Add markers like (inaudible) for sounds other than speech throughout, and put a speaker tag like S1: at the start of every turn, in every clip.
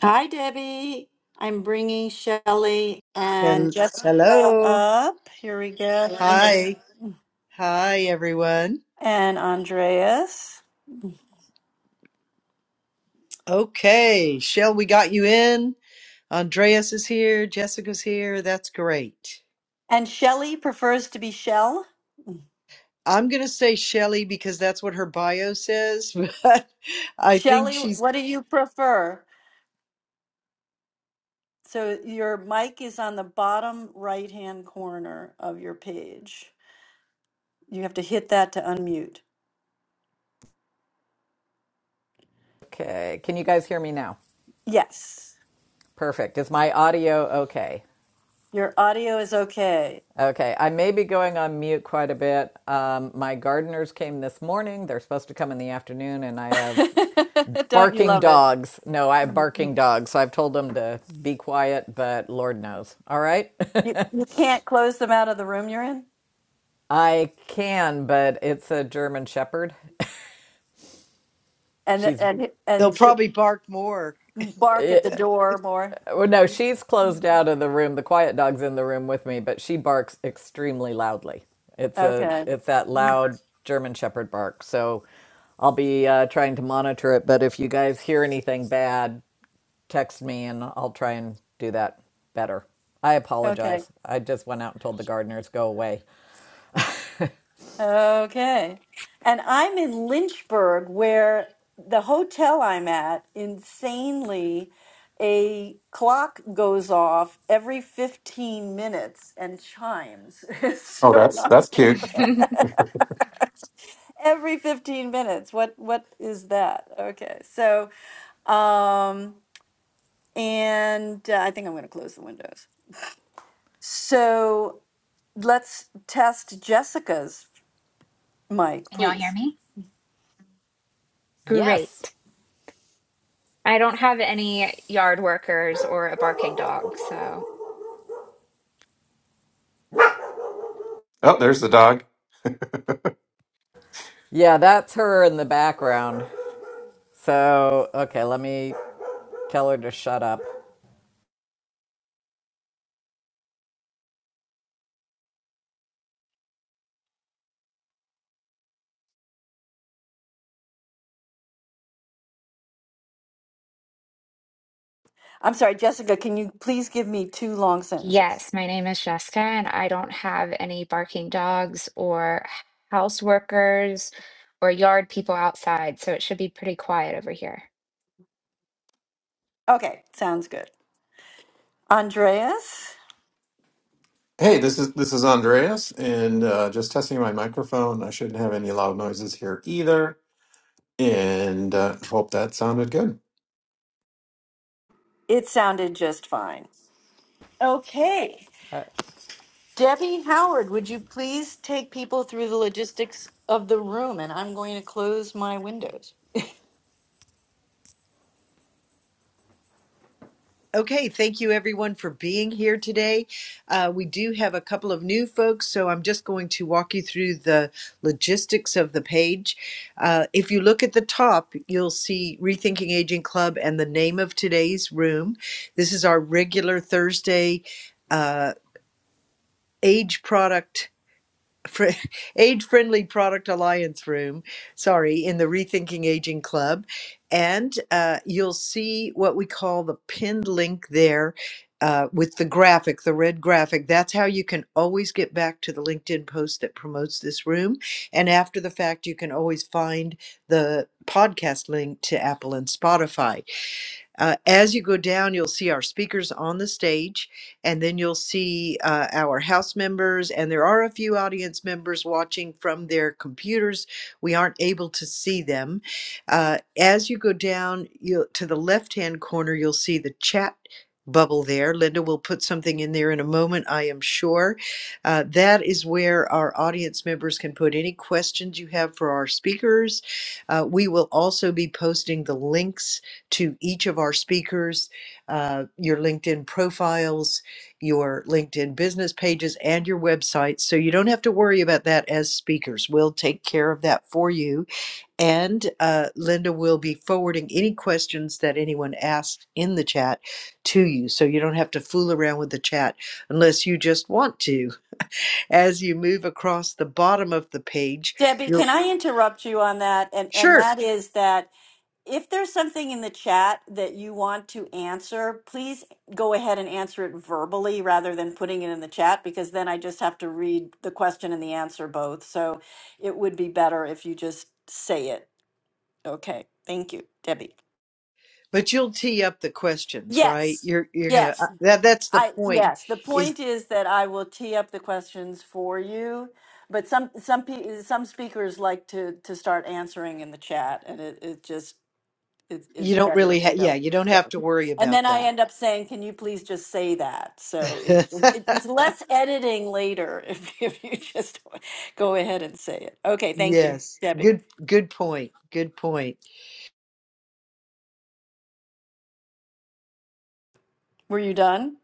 S1: Hi, Debbie. I'm bringing Shelley and
S2: Hel-
S1: Jessica
S2: Hello.
S1: up. Here we go.
S2: Hi. Hi, everyone.
S1: And Andreas.
S2: Okay. Shell, we got you in. Andreas is here. Jessica's here. That's great.
S1: And Shelley prefers to be Shell.
S2: I'm going to say Shelly because that's what her bio says, (laughs) but I think
S1: Shelley,
S2: she's,
S1: what do you prefer? So your mic is on the bottom right hand corner of your page. You have to hit that to unmute.
S3: Okay. Can you guys hear me now?
S1: Yes,
S3: Perfect. Is my audio okay?
S1: your audio is okay.
S3: Okay. I may be going on mute quite a bit. Um, my gardeners came this morning. They're supposed to come in the afternoon, and I
S1: (laughs)
S3: have
S1: Don't you
S3: barking
S1: love it?
S3: dogs. No, I have barking
S1: You,
S3: dogs. So I've told them to be quiet, but Lord knows. All right. (laughs)
S1: you can't close them out of the room you're in?
S3: I can, but it's a German Shepherd. (laughs)
S1: and
S3: She's
S1: and
S2: they'll
S1: and
S2: probably bark more.
S1: bark at
S2: (laughs)
S1: the door more.
S3: Well, no, she's closed out of the room. The quiet dog's in the room with me, but she barks extremely loudly. It's a
S1: Okay.
S3: it's that loud German Shepherd bark. So I'll be uh, trying to monitor it. But if you guys hear anything bad, text me and I'll try and do that better. I
S1: Okay.
S3: apologize. I just went out and told the gardeners go away.
S1: Okay. And I'm in Lynchburg where the hotel I'm at, insanely, a clock goes off every 15 minutes and chimes. (laughs)
S4: Oh,
S1: so
S4: that's
S1: I'm-
S4: that's cute.
S5: (laughs) Can
S1: (laughs) every 15 minutes. What what is that? Okay. So, um and uh, I think I'm going to close the windows. So let's test Jessica's mic,
S5: y'all hear
S1: please.
S5: me?
S3: Yes.
S5: Great. I don't have any yard workers or a barking dog. So,
S4: Oh, there's the dog.
S3: Yeah, that's her in the background. So okay, let me tell her to shut up.
S1: I'm sorry, Jessica, can you please give me two long sentences?
S5: yes, my name is Jessica, and I don't have any barking dogs or house workers or yard people outside. So, it should be pretty quiet over here.
S1: Okay, sounds good. Andreas,
S4: Hey, this is this is Andreas, and uh, just testing my microphone. I shouldn't have any loud noises here either, and uh, hope that sounded good.
S1: it sounded just fine. Okay.
S3: Uh,
S1: Debbie Howard, would you please take people through the logistics of the room? And I'm going to close my windows.
S2: Okay, thank you everyone for being here today. Uh, we do have a couple of new folks, so I'm just going to walk you through the logistics of the page. Uh, if you look at the top, you'll see Rethinking Aging Club and the name of today's room. This is our regular Thursday uh, age product fr- (laughs) age-friendly product alliance room sorry in the rethinking aging club and uh, you'll see what we call the pinned link there uh, with the graphic the red graphic that's how you can always get back to the linkedin post that promotes this room and after the fact you can always find the podcast link to apple and spotify uh, as you go down, you'll see our speakers on the stage, and then you'll see uh, our House members, and there are a few audience members watching from their computers. We aren't able to see them. Uh, as you go down you'll, to the left hand corner, you'll see the chat bubble there. Linda will put something in there in a moment, I am sure. Uh, that is where our audience members can put any questions you have for our speakers. Uh, we will also be posting the links to each of our speakers, uh, your LinkedIn profiles, your LinkedIn business pages, and your websites, So you don't have to worry about that as speakers. We'll take care of that for you. And uh, Linda will be forwarding any questions that anyone asks in the chat to you. So you don't have to fool around with the chat unless you just want to. As you move across the bottom of the page,
S1: Debbie,
S2: you'll
S1: can I interrupt you on that? And and
S2: Sure.
S1: that is that if there's something in the chat that you want to answer, please go ahead and answer it verbally rather than putting it in the chat because then I just have to read the question and the answer both. So it would be better if you just say it. Okay. Thank you, Debbie.
S2: But you'll tee up the questions, right?
S1: Yes.
S2: You're you're gonna uh,
S1: Yes.
S2: that that's the
S1: I
S2: point.
S1: yes, the
S2: Is
S1: point is that I will tee up the questions for you, but some some pe- some speakers like to to start answering in the chat and it it just it's
S2: you
S1: it's
S2: don't
S1: better
S2: really
S1: if
S2: ha-
S1: you
S2: yeah
S1: don't.
S2: you don't
S1: Yeah.
S2: have to worry
S1: And
S2: about
S1: then I
S2: that.
S1: end up saying, "Can you please just say that?" So it, it, it's less editing later (laughs) if, if you just go ahead and say it. Okay,
S2: (laughs)
S1: thank you,
S2: yes,
S1: Debbie.
S2: good good point. Good point.
S1: Were you done?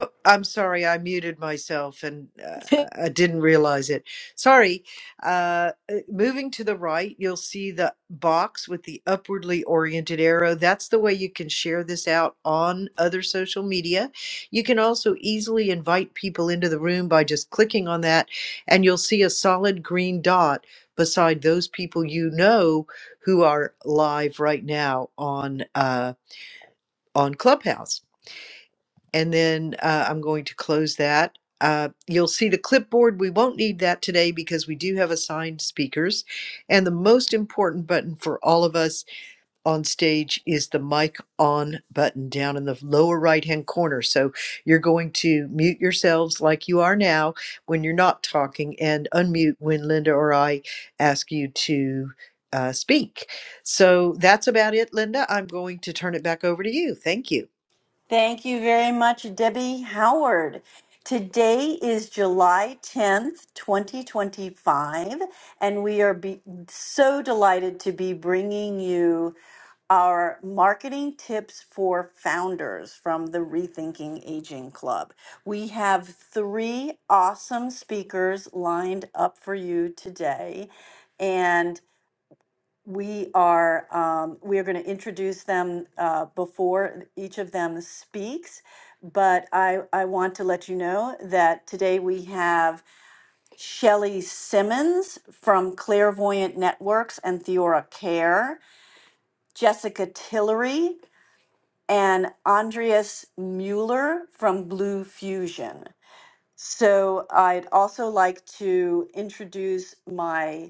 S2: Oh, I'm sorry, I muted myself and uh,
S1: (laughs)
S2: I didn't realize it. Sorry. Uh, uh, moving to the right, you'll see the box with the upwardly oriented arrow. That's the way you can share this out on other social media. You can also easily invite people into the room by just clicking on that, and you'll see a solid green dot beside those people you know who are live right now on uh, on Clubhouse and then uh, I'm going to close that. Uh, you'll see the clipboard. We won't need that today because we do have assigned speakers. And the most important button for all of us on stage is the mic on button down in the lower right hand corner. So you're going to mute yourselves like you are now when you're not talking and unmute when Linda or I ask you to uh, speak. So that's about it, Linda. I'm going to turn it back over to you. Thank you.
S1: Thank you very much, Debbie Howard. Today is July 10th, 2025, and we are be- so delighted to be bringing you our marketing tips for founders from the Rethinking Aging Club. We have three awesome speakers lined up for you today. And we are um, we are going to introduce them uh, before each of them speaks but I, I want to let you know that today we have Shelly Simmons from Clairvoyant Networks and Theora Care, Jessica Tillery, and Andreas Mueller from Blue Fusion. So I'd also like to introduce my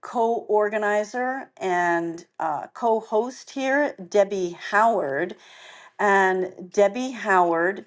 S1: co-organizer and uh, co-host here, Debbie Howard. And Debbie Howard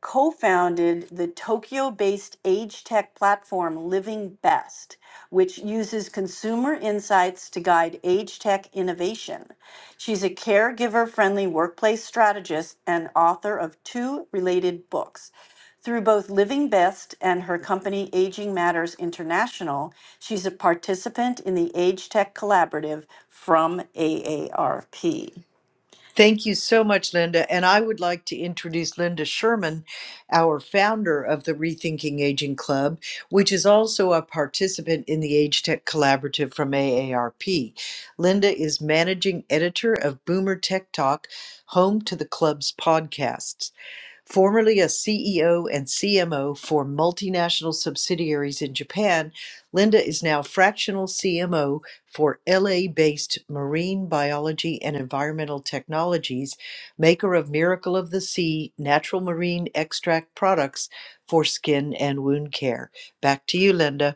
S1: co founded the Tokyo based age tech platform Living Best, which uses consumer insights to guide age tech innovation. She's a caregiver friendly workplace strategist and author of two related books. Through both Living Best and her company Aging Matters International, she's a participant in the Age Tech Collaborative from AARP.
S2: Thank you so much, Linda. And I would like to introduce Linda Sherman, our founder of the Rethinking Aging Club, which is also a participant in the Age Tech Collaborative from AARP. Linda is managing editor of Boomer Tech Talk, home to the club's podcasts. Formerly a CEO and CMO for multinational subsidiaries in Japan, Linda is now fractional CMO for LA based Marine Biology and Environmental Technologies, maker of Miracle of the Sea natural marine extract products for skin and wound care. Back to you, Linda.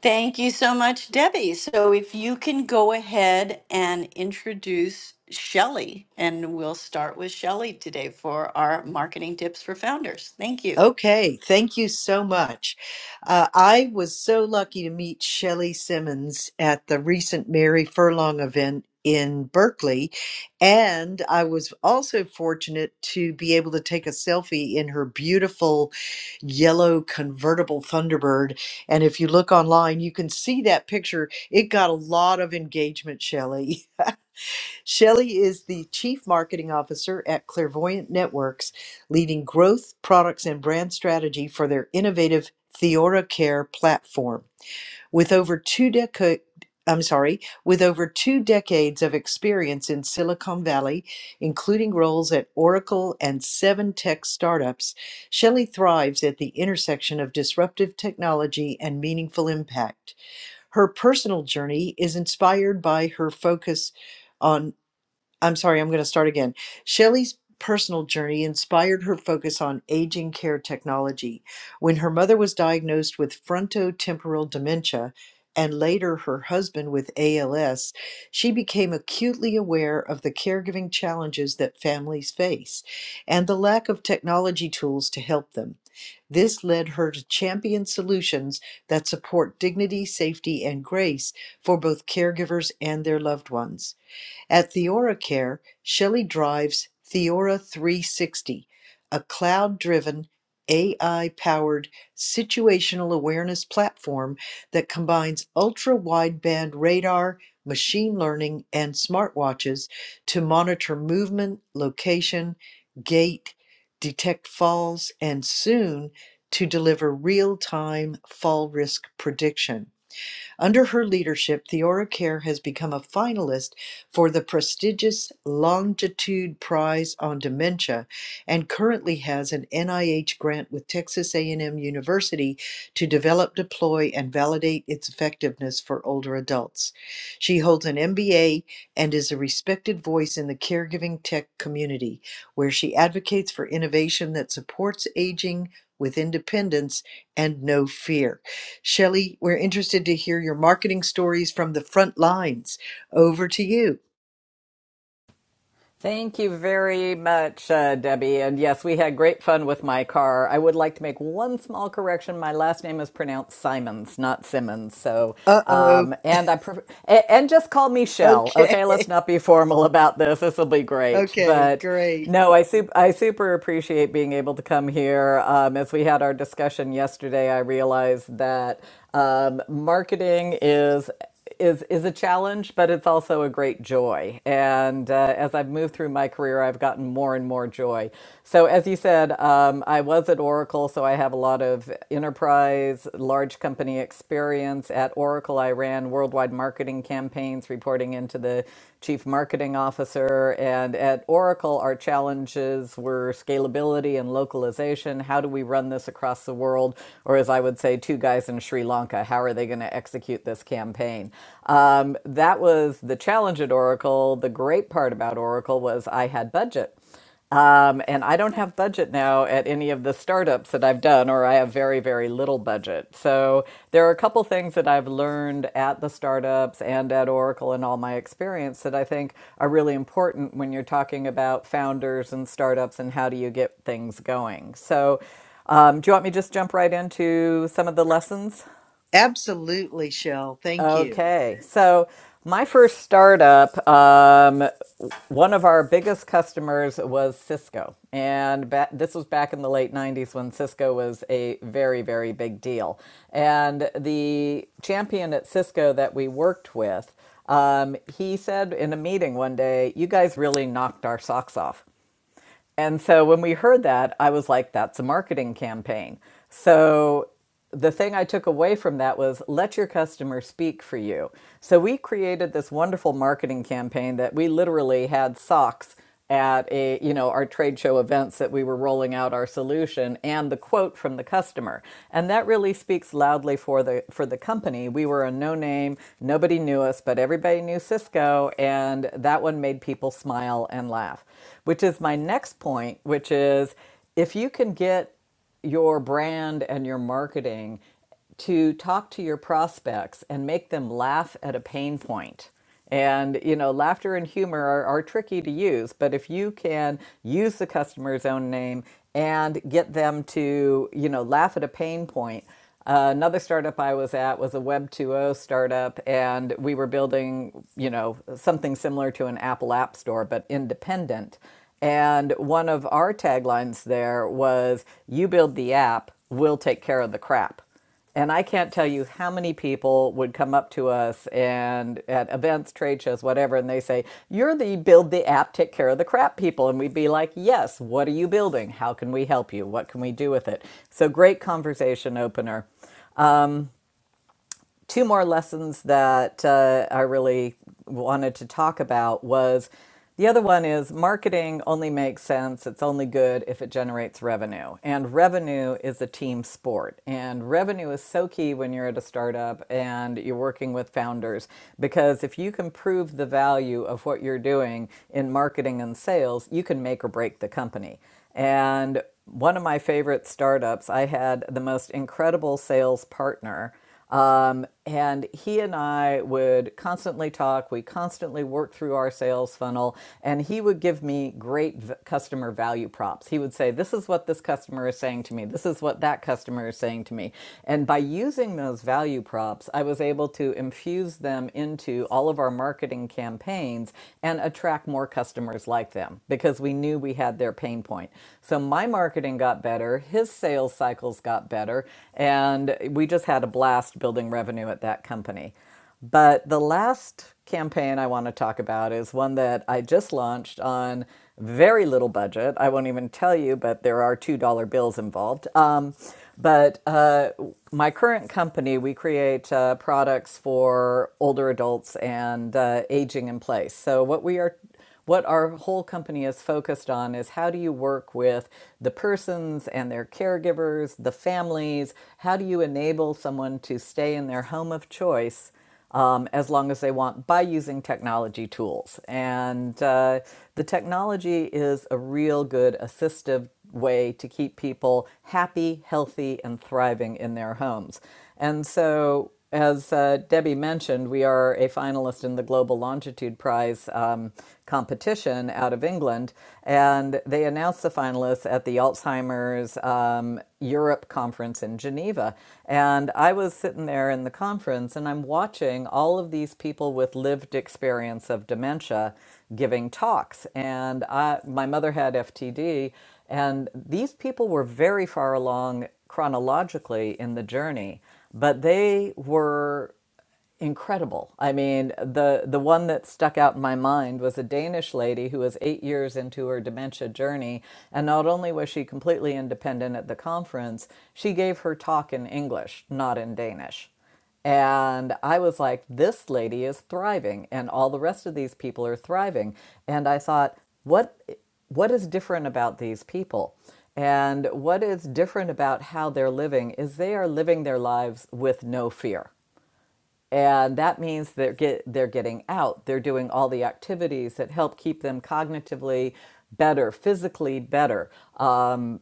S1: Thank you so much, Debbie. So if you can go ahead and introduce Shelley, and we'll start with Shelley today for our marketing tips for founders. Thank you.
S2: Okay, thank you so much. Uh, I was so lucky to meet Shelley Simmons at the recent Mary Furlong event in Berkeley, and I was also fortunate to be able to take a selfie in her beautiful yellow convertible Thunderbird. And if you look online, you can see that picture. It got a lot of engagement, Shelley. (laughs) Shelley is the Chief Marketing Officer at Clairvoyant Networks, leading growth, products, and brand strategy for their innovative Theora Care platform. With over two decades I'm sorry, with over two decades of experience in Silicon Valley, including roles at Oracle and seven tech startups, Shelley thrives at the intersection of disruptive technology and meaningful impact. Her personal journey is inspired by her focus on. I'm sorry, I'm going to start again. Shelley's personal journey inspired her focus on aging care technology. When her mother was diagnosed with frontotemporal dementia and later her husband with ALS, she became acutely aware of the caregiving challenges that families face and the lack of technology tools to help them. This led her to champion solutions that support dignity, safety, and grace for both caregivers and their loved ones. At TheoraCare, Shelley drives Theora 360, a cloud driven, AI powered situational awareness platform that combines ultra wideband radar, machine learning, and smartwatches to monitor movement, location, gait, detect falls, and soon to deliver real time fall risk prediction. Under her leadership, Theora Care has become a finalist for the prestigious Longitude Prize on Dementia and currently has an NIH grant with Texas A&M University to develop, deploy, and validate its effectiveness for older adults. She holds an MBA and is a respected voice in the caregiving tech community, where she advocates for innovation that supports aging with independence and no fear. Shelley, we're interested to hear your marketing stories from the front lines. Over to you.
S3: Thank you very much, uh, Debbie. And yes, we had great fun with my car. I would like to make one small correction. My last name is pronounced Simons, not Simmons. So,
S2: Uh oh.
S3: um, and I pref- a- and just call me Shell.
S2: Okay.
S3: Okay, let's
S2: (laughs)
S3: not be formal about this. This will be great.
S2: Okay.
S3: But
S2: Great.
S3: no, I super I super appreciate being able to come here. Um, as we had our discussion yesterday, I realized that um, marketing is is is a challenge, but it's also a great joy. And uh, as I've moved through my career, I've gotten more and more joy. So, as you said, um, I was at Oracle, so I have a lot of enterprise, large company experience. At Oracle, I ran worldwide marketing campaigns, reporting into the chief marketing officer. And at Oracle, our challenges were scalability and localization. How do we run this across the world? Or, as I would say, two guys in Sri Lanka, how are they going to execute this campaign? Um, that was the challenge at Oracle. The great part about Oracle was I had budget. Um, and I don't have budget now at any of the startups that I've done, or I have very, very little budget. So there are a couple things that I've learned at the startups and at Oracle and all my experience that I think are really important when you're talking about founders and startups and how do you get things going. So um, do you want me to just jump right into some of the lessons?
S2: Absolutely, Shell. Thank you.
S3: Okay, so my first startup, um, one of our biggest customers was Cisco, and ba- this was back in the late '90s when Cisco was a very, very big deal. And the champion at Cisco that we worked with, um, he said in a meeting one day, "You guys really knocked our socks off." And so when we heard that, I was like, that's a marketing campaign. So the thing I took away from that was let your customer speak for you. So we created this wonderful marketing campaign that we literally had socks at a you know our trade show events that we were rolling out our solution and the quote from the customer and that really speaks loudly for the for the company we were a no name nobody knew us but everybody knew cisco and that one made people smile and laugh which is my next point, which is if you can get your brand and your marketing to talk to your prospects and make them laugh at a pain point. And you know, laughter and humor are, are tricky to use, but if you can use the customer's own name and get them to, you know, laugh at a pain point, uh, another startup I was at was a Web 2.0 startup, and we were building, you know, something similar to an Apple App Store, but independent. And one of our taglines there was, "You build the app, we'll take care of the crap." And I can't tell you how many people would come up to us and at events, trade shows, whatever, and they say, You're the build the app, take care of the crap people. And we'd be like, Yes, what are you building? How can we help you? What can we do with it? So great conversation opener two more lessons that uh, I really wanted to talk about was the other one is marketing only makes sense. It's only good if it generates revenue. And revenue is a team sport. And revenue is so key when you're at a startup and you're working with founders because if you can prove the value of what you're doing in marketing and sales, you can make or break the company. And one of my favorite startups, I had the most incredible sales partner um, and he and I would constantly talk. We constantly worked through our sales funnel, and he would give me great v- customer value props. He would say, This is what this customer is saying to me. This is what that customer is saying to me. And by using those value props, I was able to infuse them into all of our marketing campaigns and attract more customers like them because we knew we had their pain point. So my marketing got better. His sales cycles got better, and we just had a blast building revenue at that company. But the last campaign I want to talk about is one that I just launched on very little budget. I won't even tell you, but there are $2 bills involved. Um, but uh, my current company, we create uh, products for older adults and uh, aging in place. So, what we are what our whole company is focused on is how do you work with the persons and their caregivers, the families? How do you enable someone to stay in their home of choice um, as long as they want by using technology tools? And uh, the technology is a real good assistive way to keep people happy, healthy, and thriving in their homes. And so, as uh, Debbie mentioned, we are a finalist in the Global Longitude Prize um, competition out of England. And they announced the finalists at the Alzheimer's um, Europe conference in Geneva. And I was sitting there in the conference and I'm watching all of these people with lived experience of dementia giving talks. And I, my mother had FTD. And these people were very far along chronologically in the journey, but they were incredible. I mean, the the one that stuck out in my mind was a Danish lady who was 8 years into her dementia journey and not only was she completely independent at the conference, she gave her talk in English, not in Danish. And I was like, this lady is thriving and all the rest of these people are thriving. And I thought, what what is different about these people? And what is different about how they're living is they are living their lives with no fear and that means they're get they're getting out they're doing all the activities that help keep them cognitively better physically better um,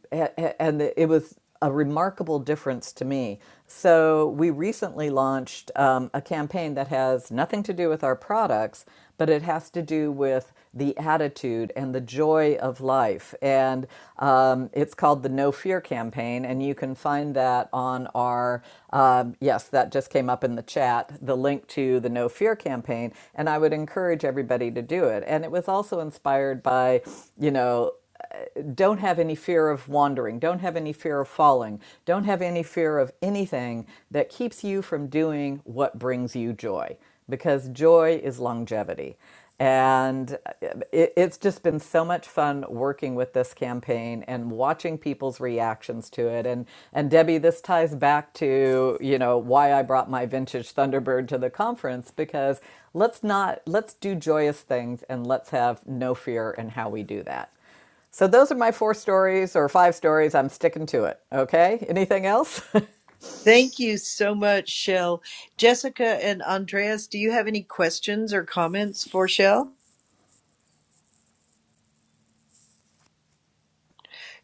S3: and it was a remarkable difference to me so we recently launched um, a campaign that has nothing to do with our products but it has to do with the attitude and the joy of life. And um, it's called the No Fear Campaign, and you can find that on our, um, yes, that just came up in the chat, the link to the No Fear Campaign. And I would encourage everybody to do it. And it was also inspired by, you know, don't have any fear of wandering, don't have any fear of falling, don't have any fear of anything that keeps you from doing what brings you joy because joy is longevity. And uh, it, it's just been so much fun working with this campaign and watching people's reactions to it. And and Debbie, this ties back to you know why I brought my vintage Thunderbird to the conference because let's not let's do joyous things and let's have no fear in how we do that. So those are my four stories or five stories. I'm sticking to it. Okay. Anything else?
S2: Thank you so much, Shell. Jessica and Andreas, do you have any questions or comments for Shell?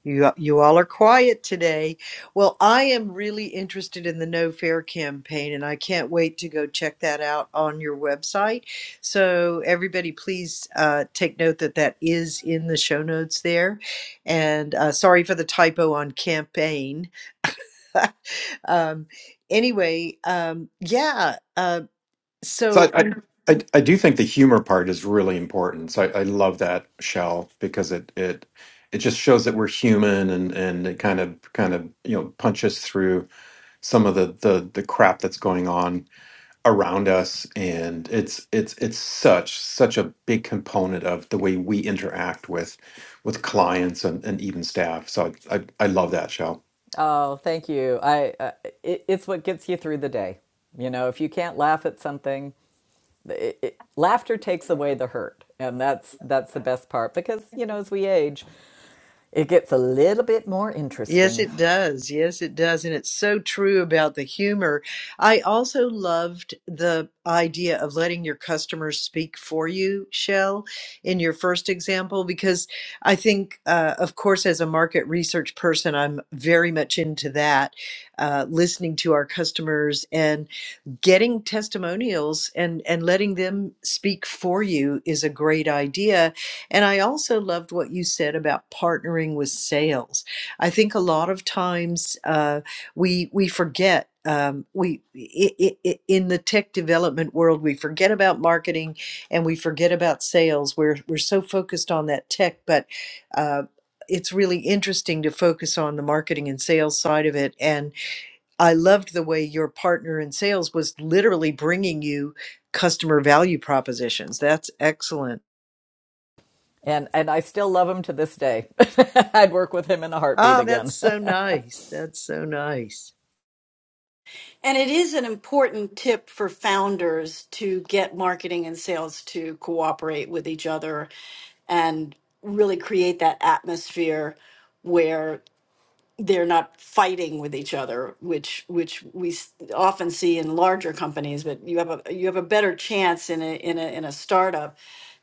S2: You, you all are quiet today. Well, I am really interested in the No Fair campaign, and I can't wait to go check that out on your website. So, everybody, please uh, take note that that is in the show notes there. And uh, sorry for the typo on campaign. (laughs) um, anyway, um, yeah. Uh,
S4: So
S2: so,
S4: I, I
S2: I'm
S4: I I do think the humor part is really important. So I, I love that shell because it it it just shows that we're human and and it kind of kind of you know punches through some of the the the crap that's going on around us and it's it's it's such such a big component of the way we interact with with clients and, and even staff so I, I i love that show
S3: (laughs) oh, thank you. I uh, it, it's what gets you through the day. You know, if you can't laugh at something, it, it, laughter takes away the hurt, and that's that's the best part because you know as we age, it gets a little bit more
S2: Yes,
S3: interesting.
S2: it does. Yes, it does. And it's so true about the humor. I also loved the idea of letting your customers speak for you, Shell, in your first example, because I think, uh, of course, as a market research person, I'm very much into that, uh, listening to our customers getting testimonials and and letting them speak for you is a great idea and i also loved what you said about partnering with sales i think a lot of times uh, we we forget um, we i i i- in the tech development world we forget about marketing and we forget about sales we're we're so focused on that tech but uh, it's really interesting to focus on the marketing and sales side of it and I loved the way your partner in sales was literally bringing you customer value propositions. That's excellent.
S3: And and I still love him to this day. (laughs) I'd work with him in a heartbeat
S2: Ah,
S3: again.
S2: that's
S3: (laughs)
S2: so nice. That's so nice.
S1: And it is an important tip for founders to get marketing and sales to cooperate with each other and really create that atmosphere where. they're not fighting with each other, which which we s- often see in larger companies. But you have a you have a better chance in a in a in a startup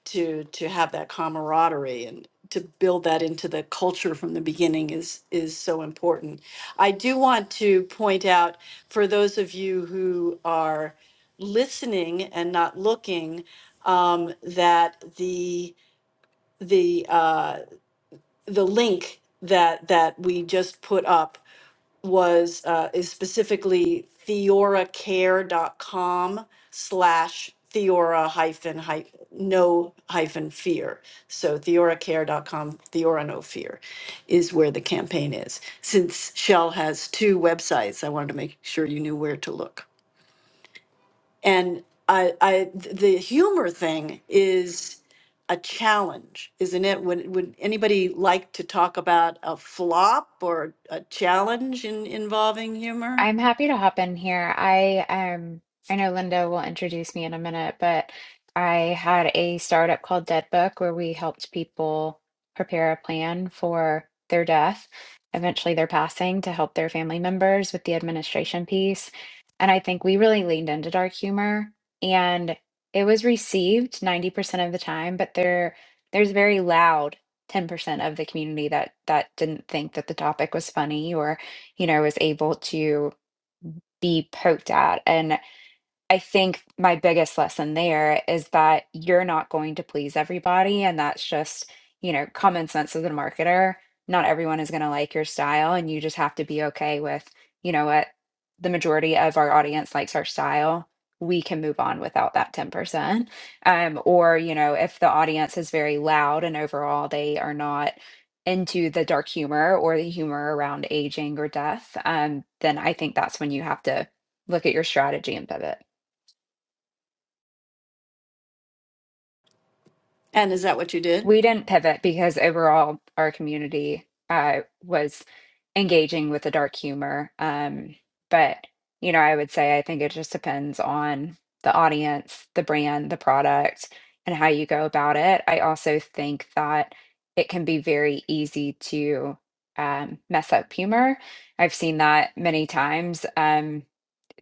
S1: to to have that camaraderie and to build that into the culture from the beginning is is so important. I do want to point out for those of you who are listening and not looking um, that the the uh, the link that that we just put up was uh, is specifically theoracare.com slash theora hyphen hy- no hyphen fear so theoracare.com theora no fear is where the campaign is since shell has two websites i wanted to make sure you knew where to look and I, I the humor thing is a challenge, isn't it? Would would anybody like to talk about a flop or a challenge in, involving humor?
S5: I'm happy to hop in here. I um I know Linda will introduce me in a minute, but I had a startup called Dead Book where we helped people prepare a plan for their death, eventually their passing, to help their family members with the administration piece. And I think we really leaned into dark humor and it was received 90% of the time, but there there's very loud 10% of the community that that didn't think that the topic was funny or you know, was able to be poked at and I think my biggest lesson there is that you're not going to please everybody, and that's just, you know, common sense as a marketer. Not everyone is gonna like your style, and you just have to be okay with, you know what, the majority of our audience likes our style. We can move on without that 10%. Um, or, you know, if the audience is very loud and overall they are not into the dark humor or the humor around aging or death, um, then I think that's when you have to look at your strategy and pivot.
S1: And is that what you did?
S5: We didn't pivot because overall our community uh, was engaging with the dark humor. Um, but, you know, I would say I think it just depends on the audience, the brand, the product, and how you go about it. I also think that it can be very easy to um, mess up humor. I've seen that many times. Um,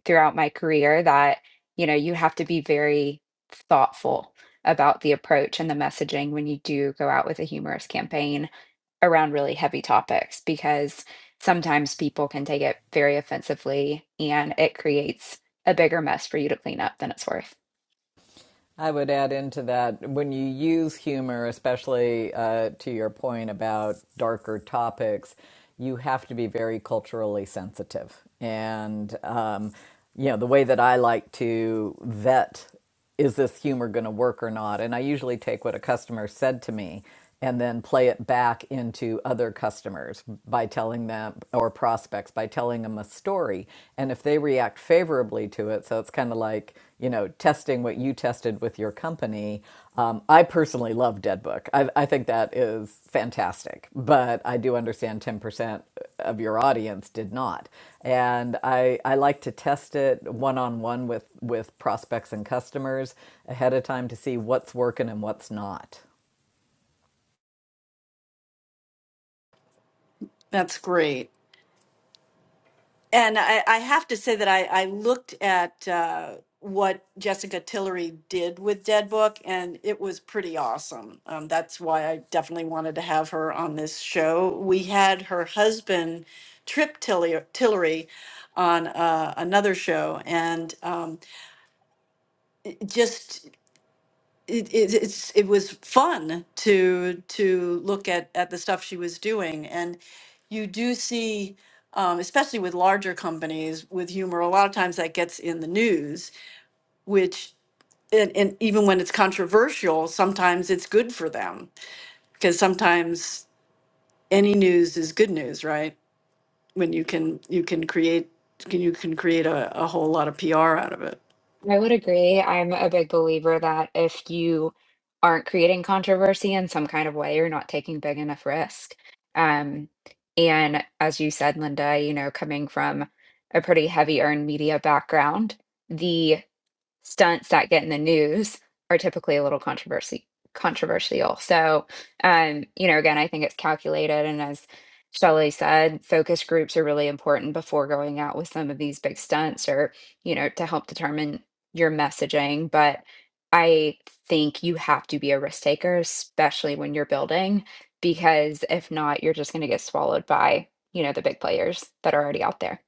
S5: throughout my career that, you know, you have to be very thoughtful about the approach and the messaging when you do go out with a humorous campaign around really heavy topics because sometimes people can take it very offensively and it creates a bigger mess for you to clean up than it's worth.
S3: I would add into that when you use humor, especially uh, to your point about darker topics, you have to be very culturally sensitive. And, um, you know, the way that I like to vet is this humor going to work or not? And I usually take what a customer said to me and then play it back into other customers by telling them or prospects by telling them a story and if they react favorably to it so it's kind of like you know testing what you tested with your company um, i personally love deadbook I, I think that is fantastic but i do understand 10% of your audience did not and i, I like to test it one-on-one with with prospects and customers ahead of time to see what's working and what's not
S1: That's great. And I, I have to say that I, I looked at uh, what Jessica Tillery did with Dead Book, and it was pretty awesome. Um, that's why I definitely wanted to have her on this show. We had her husband, Trip Tiller- Tillery, on uh, another show, and um, just it, it it's it was fun to to look at at the stuff she was doing and you do see um, especially with larger companies with humor a lot of times that gets in the news which and, and even when it's controversial sometimes it's good for them because sometimes any news is good news right when you can you can create can you can create a, a whole lot of pr out of it
S5: I would agree. I'm a big believer that if you aren't creating controversy in some kind of way, you're not taking big enough risk. Um, and as you said, Linda, you know, coming from a pretty heavy earned media background, the stunts that get in the news are typically a little controversy controversial. So, um, you know, again, I think it's calculated and as Shelley said, focus groups are really important before going out with some of these big stunts or, you know, to help determine your messaging, but I think you have to be a risk taker especially when you're building because if not, you're just going to get swallowed by, you know, the big players that are already out there.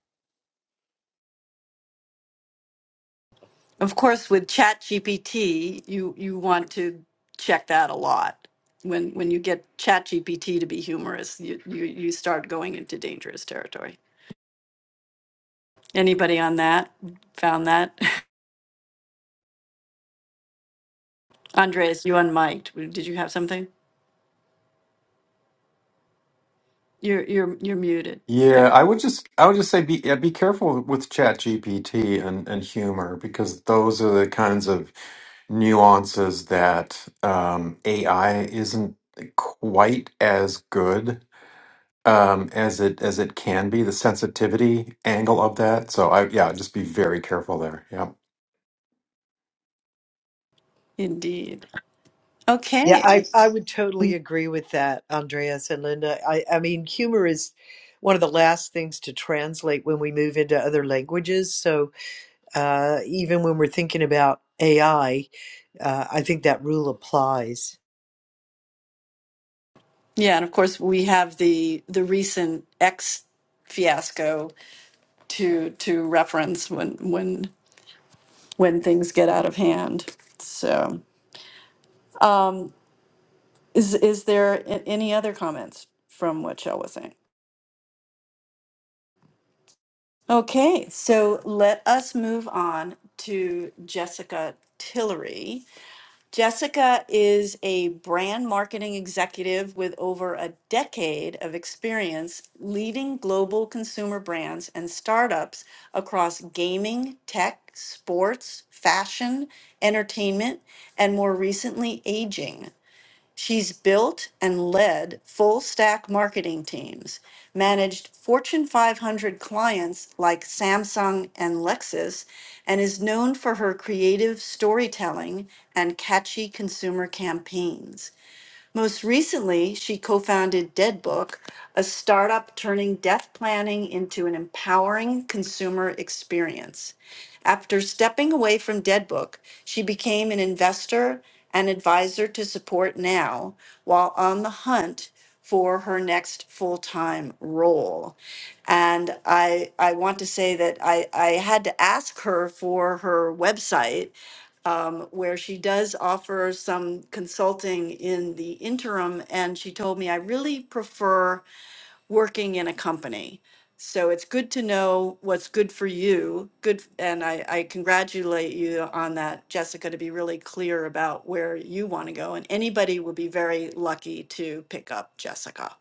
S1: Of course, with ChatGPT, you you want to check that a lot. When when you get ChatGPT to be humorous, you, you you start going into dangerous territory. Anybody on that found that? (laughs) Andres, you unmiked. Did you have something? You're you're you're muted.
S4: Yeah,
S1: There.
S4: I would just I would just say be yeah, be careful with Chat GPT and, and humor because those are the kinds of nuances that um, AI isn't quite as good um, as it as it can be, the sensitivity angle of that. So I yeah, just be very careful there. Yeah.
S1: Indeed.
S2: Yeah,
S1: Okay.
S2: I, I would totally agree with that, Andreas and Linda. I, I mean, humor is one of the last things to translate when we move into other languages. So uh, even when we're thinking about AI, uh, I think that rule applies.
S1: Yeah, and of course we have the the recent X fiasco to to reference when when when things get out of hand. So. Um, is is there a- any other comments from what Shell was saying? Okay, so let us move on to Jessica Tillery. Jessica is a brand marketing executive with over a decade of experience leading global consumer brands and startups across gaming, tech, sports, fashion, entertainment, and more recently, aging. She's built and led full stack marketing teams, managed Fortune 500 clients like Samsung and Lexus, and is known for her creative storytelling and catchy consumer campaigns. Most recently, she co founded Deadbook, a startup turning death planning into an empowering consumer experience. After stepping away from Deadbook, she became an investor and advisor to Support Now while on the hunt for her next full time role. And I, I want to say that I, I had to ask her for her website um, where she does offer some consulting in the interim. And she told me, I really prefer working in a company. So it's good to know what's good for you. Good. And I, I congratulate you on that, Jessica, to be really clear about where you want to go. And anybody will be very lucky to pick up Jessica.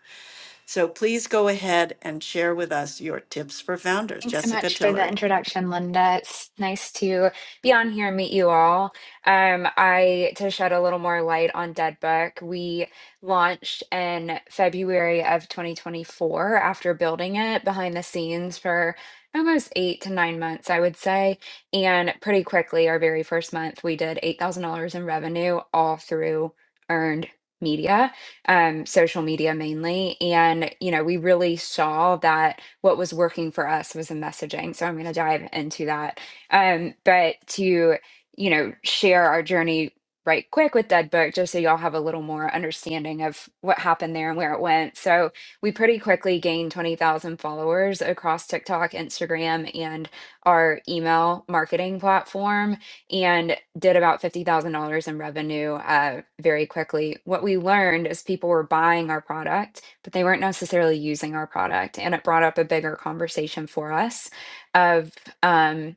S1: So please go ahead and share with us your tips for founders,
S5: Thanks so
S1: Jessica
S5: much for the
S1: Tillery.
S5: introduction, Linda. It's nice to be on here and meet you all. Um, I to shed a little more light on Dead Book, we launched in February of 2024 after building it behind the scenes for almost eight to nine months, I would say. And pretty quickly, our very first month, we did $8,000 in revenue all through earned media um, social media mainly. And, you know, we really saw that what was working for us was the messaging. So I'm going to dive into that. Um, but to, you know, share our journey right quick with Dead Book, just so y'all have a little more understanding of what happened there and where it went. So we pretty quickly gained 20,000 followers across TikTok, Instagram, and our email marketing platform and did about $50,000 in revenue uh, very quickly. What we learned is people were buying our product, but they weren't necessarily using our product. And it brought up a bigger conversation for us of, um,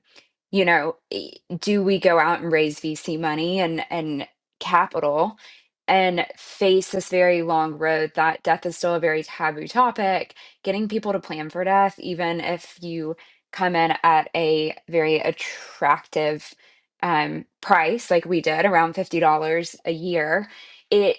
S5: you know, i- do we go out and raise VC money and, and capital and face this very long road that death is still a very taboo topic? Getting people to plan for death, even if you come in at a very attractive um, price like we did around $50 a year it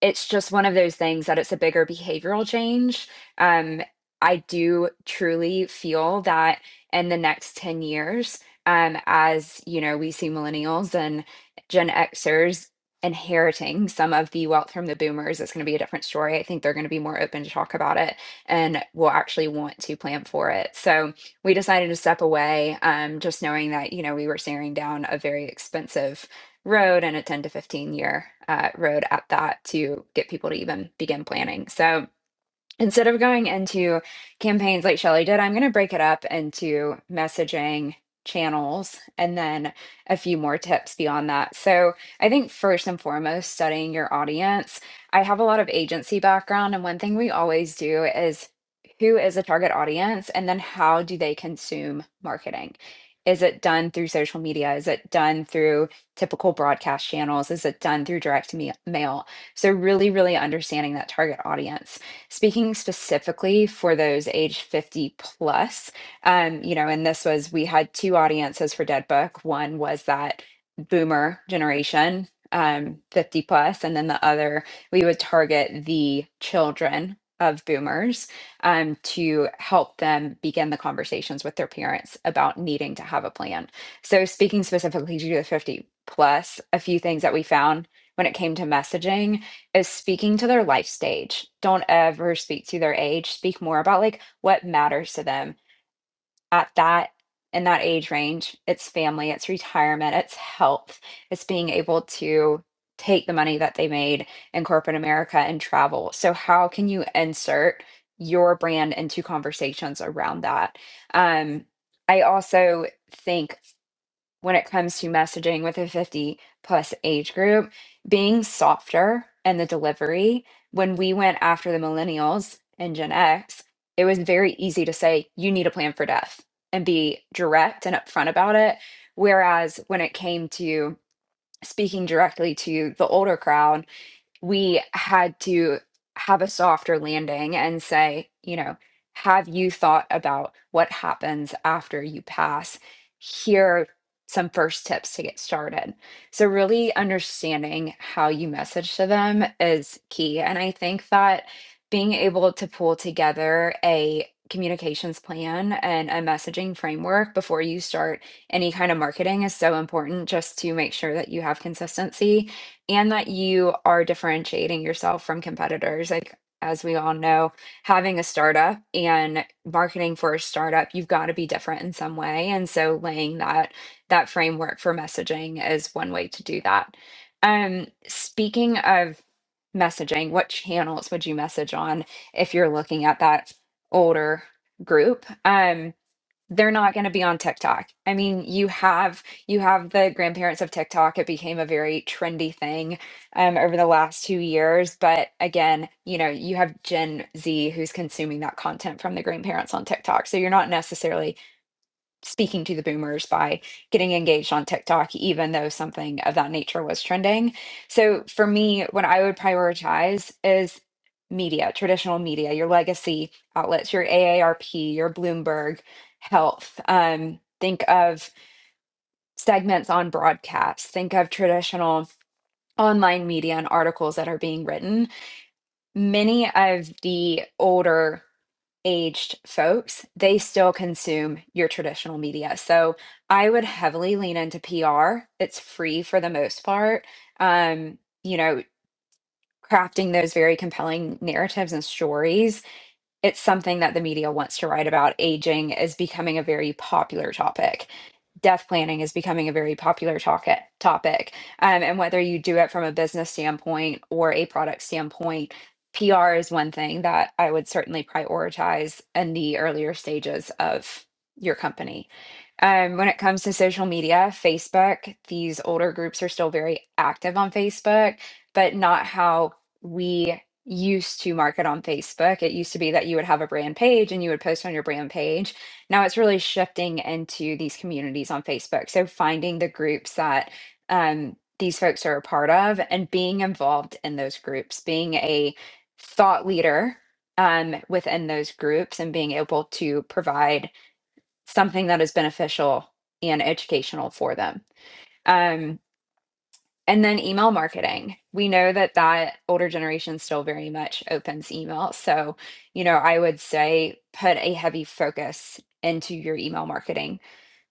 S5: it's just one of those things that it's a bigger behavioral change. Um, I do truly feel that in the next 10 years, um, as you know, we see millennials and Gen Xers inheriting some of the wealth from the boomers, it's going to be a different story. I think they're going to be more open to talk about it and will actually want to plan for it. So we decided to step away, um, just knowing that, you know, we were staring down a very expensive road and a 10 to 15 year uh, road at that to get people to even begin planning. So instead of going into campaigns like Shelly did, I'm going to break it up into messaging channels and then a few more tips beyond that. So, I think first and foremost, studying your audience. I have a lot of agency background, and one thing we always do is who is a target audience and then how do they consume marketing? Is it done through social media? Is it done through typical broadcast channels? Is it done through direct me- mail? So, really, really understanding that target audience speaking specifically for those age 50 plus, um, you know, and this was, we had two audiences for Dead Book. One was that boomer generation, um, 50 plus, and then the other, we would target the children of boomers um, to help them begin the conversations with their parents about needing to have a plan. So, speaking specifically to the 50 plus, a few things that we found when it came to messaging is speaking to their life stage. Don't ever speak to their age. Speak more about like what matters to them at that in that age range. It's family, it's retirement, it's health, it's being able to take the money that they made in corporate America and travel. So how can you insert your brand into conversations around that? Um I also think when it comes to messaging with a 50 plus age group being softer and the delivery when we went after the millennials and gen x it was very easy to say you need a plan for death and be direct and upfront about it whereas when it came to speaking directly to the older crowd we had to have a softer landing and say, you know, have you thought about what happens after you pass? Here are some first tips to get started. So, really understanding how you message to them is key. And I think that being able to pull together a communications plan and a messaging framework before you start any kind of marketing is so important just to make sure that you have consistency and that you are differentiating yourself from competitors. Like, as we all know, having a startup and marketing for a startup, you've got to be different in some way. And so laying that that framework for messaging is one way to do that. Um, speaking of messaging, what channels would you message on if you're looking at that older group? Um, they're not going to be on TikTok. I mean, you have you have the grandparents of TikTok. It became a very trendy thing um, over the last two years. But again, you know, you have Gen Z who's consuming that content from the grandparents on TikTok. So you're not necessarily speaking to the boomers by getting engaged on TikTok, even though something of that nature was trending. So for me, what I would prioritize is media, traditional media, your legacy outlets, your AARP, your Bloomberg, health. Um, think of segments on broadcasts, think of traditional online media and articles that are being written. Many of the older aged folks, they still consume your traditional media. So I would heavily lean into PR. It's free for the most part. Um, you know, crafting those very compelling narratives and stories it's something that the media wants to write about. Aging is becoming a very popular topic. Death planning is becoming a very popular topic. Topic, um, and whether you do it from a business standpoint or a product standpoint, PR is one thing that I would certainly prioritize in the earlier stages of your company. Um, when it comes to social media, Facebook, these older groups are still very active on Facebook, but not how we used to market on Facebook. It used to be that you would have a brand page and you would post on your brand page. Now it's really shifting into these communities on Facebook. So finding the groups that um, these folks are a part of and being involved in those groups, being a thought leader um, within those groups and being able to provide something that is beneficial and educational for them. Um, and then email marketing. We know that that older generation still very much opens email. So, you know, I would say put a heavy focus into your email marketing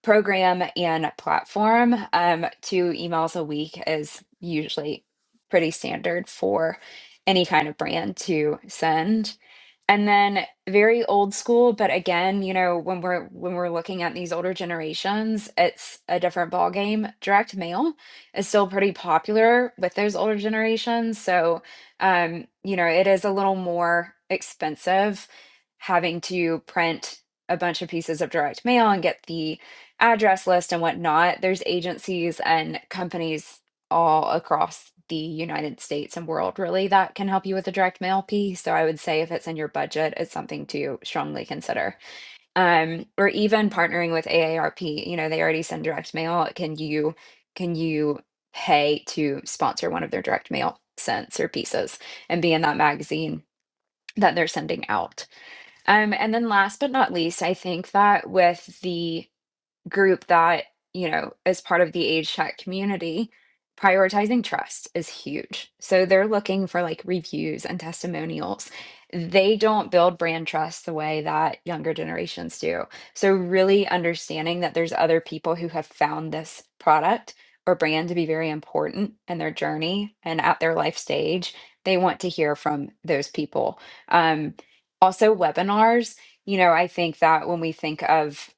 S5: program and platform. Um, two emails a week is usually pretty standard for any kind of brand to send and then very old school but again you know when we're when we're looking at these older generations it's a different ball game direct mail is still pretty popular with those older generations so um you know it is a little more expensive having to print a bunch of pieces of direct mail and get the address list and whatnot there's agencies and companies all across the United States and world, really, that can help you with the direct mail piece. So I would say if it's in your budget, it's something to strongly consider. Um, or even partnering with AARP, you know, they already send direct mail. Can you can you pay to sponsor one of their direct mail scents or pieces and be in that magazine that they're sending out? Um, and then last but not least, I think that with the group that, you know, is part of the age chat community, prioritizing trust is huge. So they're looking for like reviews and testimonials. They don't build brand trust the way that younger generations do. So, really understanding that there's other people who have found this product or brand to be very important in their journey and at their life stage, they want to hear from those people. Um, also, webinars. You know, I think that when we think of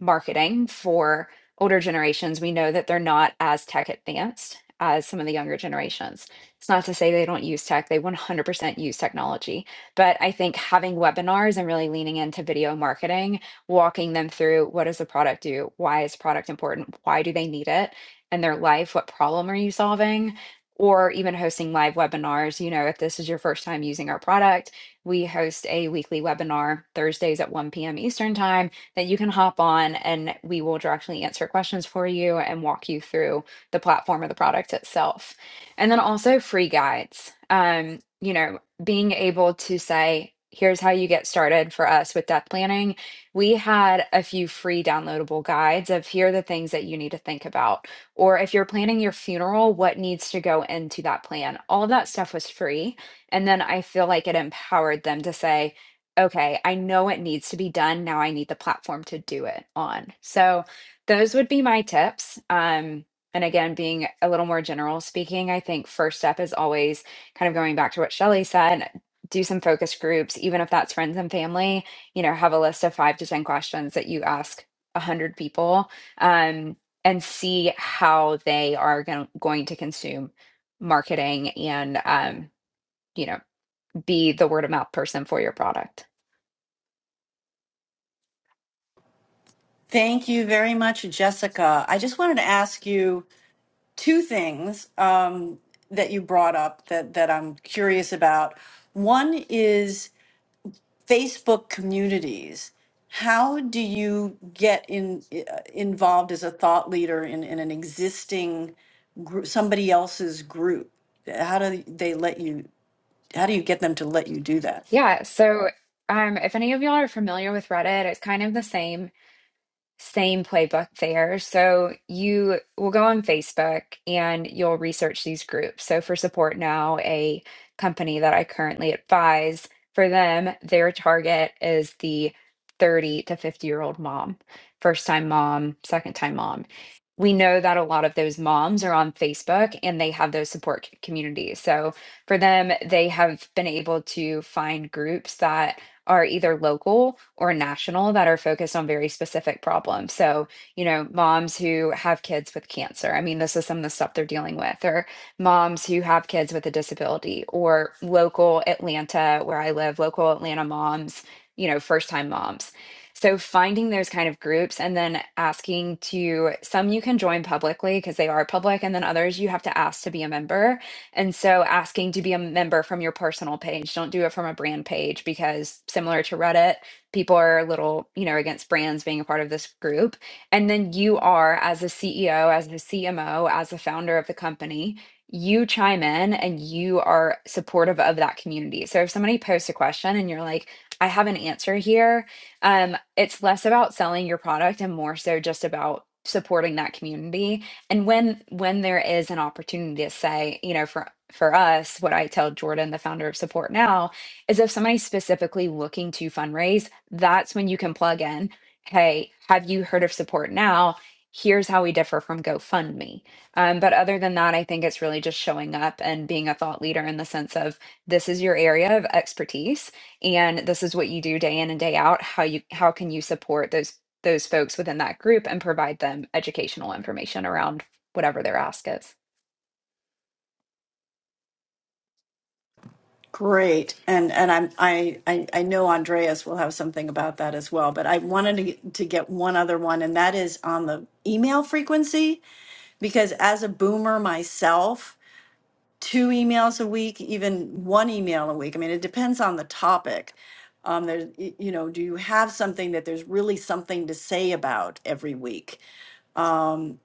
S5: marketing for older generations, we know that they're not as tech advanced as some of the younger generations. It's not to say they don't use tech, they 100% use technology. But I think having webinars and really leaning into video marketing, walking them through what does the product do? Why is product important? Why do they need it in their life? What problem are you solving? Or even hosting live webinars. You know, if this is your first time using our product, we host a weekly webinar Thursdays at 1 p.m. Eastern Time that you can hop on and we will directly answer questions for you and walk you through the platform or the product itself. And then also free guides. Um, you know, being able to say, here's how you get started for us with death planning. We had a few free downloadable guides of here are the things that you need to think about. Or if you're planning your funeral, what needs to go into that plan? All of that stuff was free. And then I feel like it empowered them to say, Okay, I know it needs to be done, now I need the platform to do it on. So, those would be my tips, um, and again, being a little more general speaking, I think first step is always kind of going back to what Shelley said, do some focus groups, even if that's friends and family, you know, have a list of 5 to 10 questions that you ask 100 people, um, and see how they are gon going to consume marketing and, um, you know, be the word of mouth person for your product.
S1: Thank you very much, Jessica. I just wanted to ask you. two things um, that you brought up that, that I'm curious about. One is Facebook communities. How do you get in, uh, involved as a thought leader in, in an existing group, somebody else's group? How do they let you, how do you get them to let you do that?
S5: Yeah, so um, if any of y'all are familiar with Reddit, it's kind of the same. Same playbook there. So you will go on Facebook and you'll research these groups. So for Support Now, a company that I currently advise, for them, their target is the 30 to 50 year old mom, first time mom, second time mom. We know that a lot of those moms are on Facebook and they have those support c- communities. So for them, they have been able to find groups that are either local or national that are focused on very specific problems. So, you know, moms who have kids with cancer. I mean, this is some of the stuff they're dealing with, or moms who have kids with a disability, or local Atlanta, where I live, local Atlanta moms, you know, first time moms. So, finding those kind of groups and then asking to some you can join publicly because they are public, and then others you have to ask to be a member and so asking to be a member from your personal page, don't do it from a brand page because similar to Reddit, people are a little, you know, against brands being a part of this group. And then you are as a CEO, as the CMO, as the founder of the company, you chime in and you are supportive of that community. So if somebody posts a question and you're like, I have an answer here, um, it's less about selling your product and more so just about supporting that community and when when there is an opportunity to say you know for for us what i tell jordan the founder of support now is if somebody's specifically looking to fundraise that's when you can plug in hey have you heard of support now here's how we differ from gofundme um, but other than that i think it's really just showing up and being a thought leader in the sense of this is your area of expertise and this is what you do day in and day out how you how can you support those those folks within that group and provide them educational information around whatever their ask is.
S1: Great. And and I'm I, I I know Andreas will have something about that as well, but I wanted to get, to get one other one and that is on the email frequency because as a boomer myself, two emails a week, even one email a week. I mean, it depends on the topic. Um, there, y- you know, do you have something that there's really something to say about every week? Um,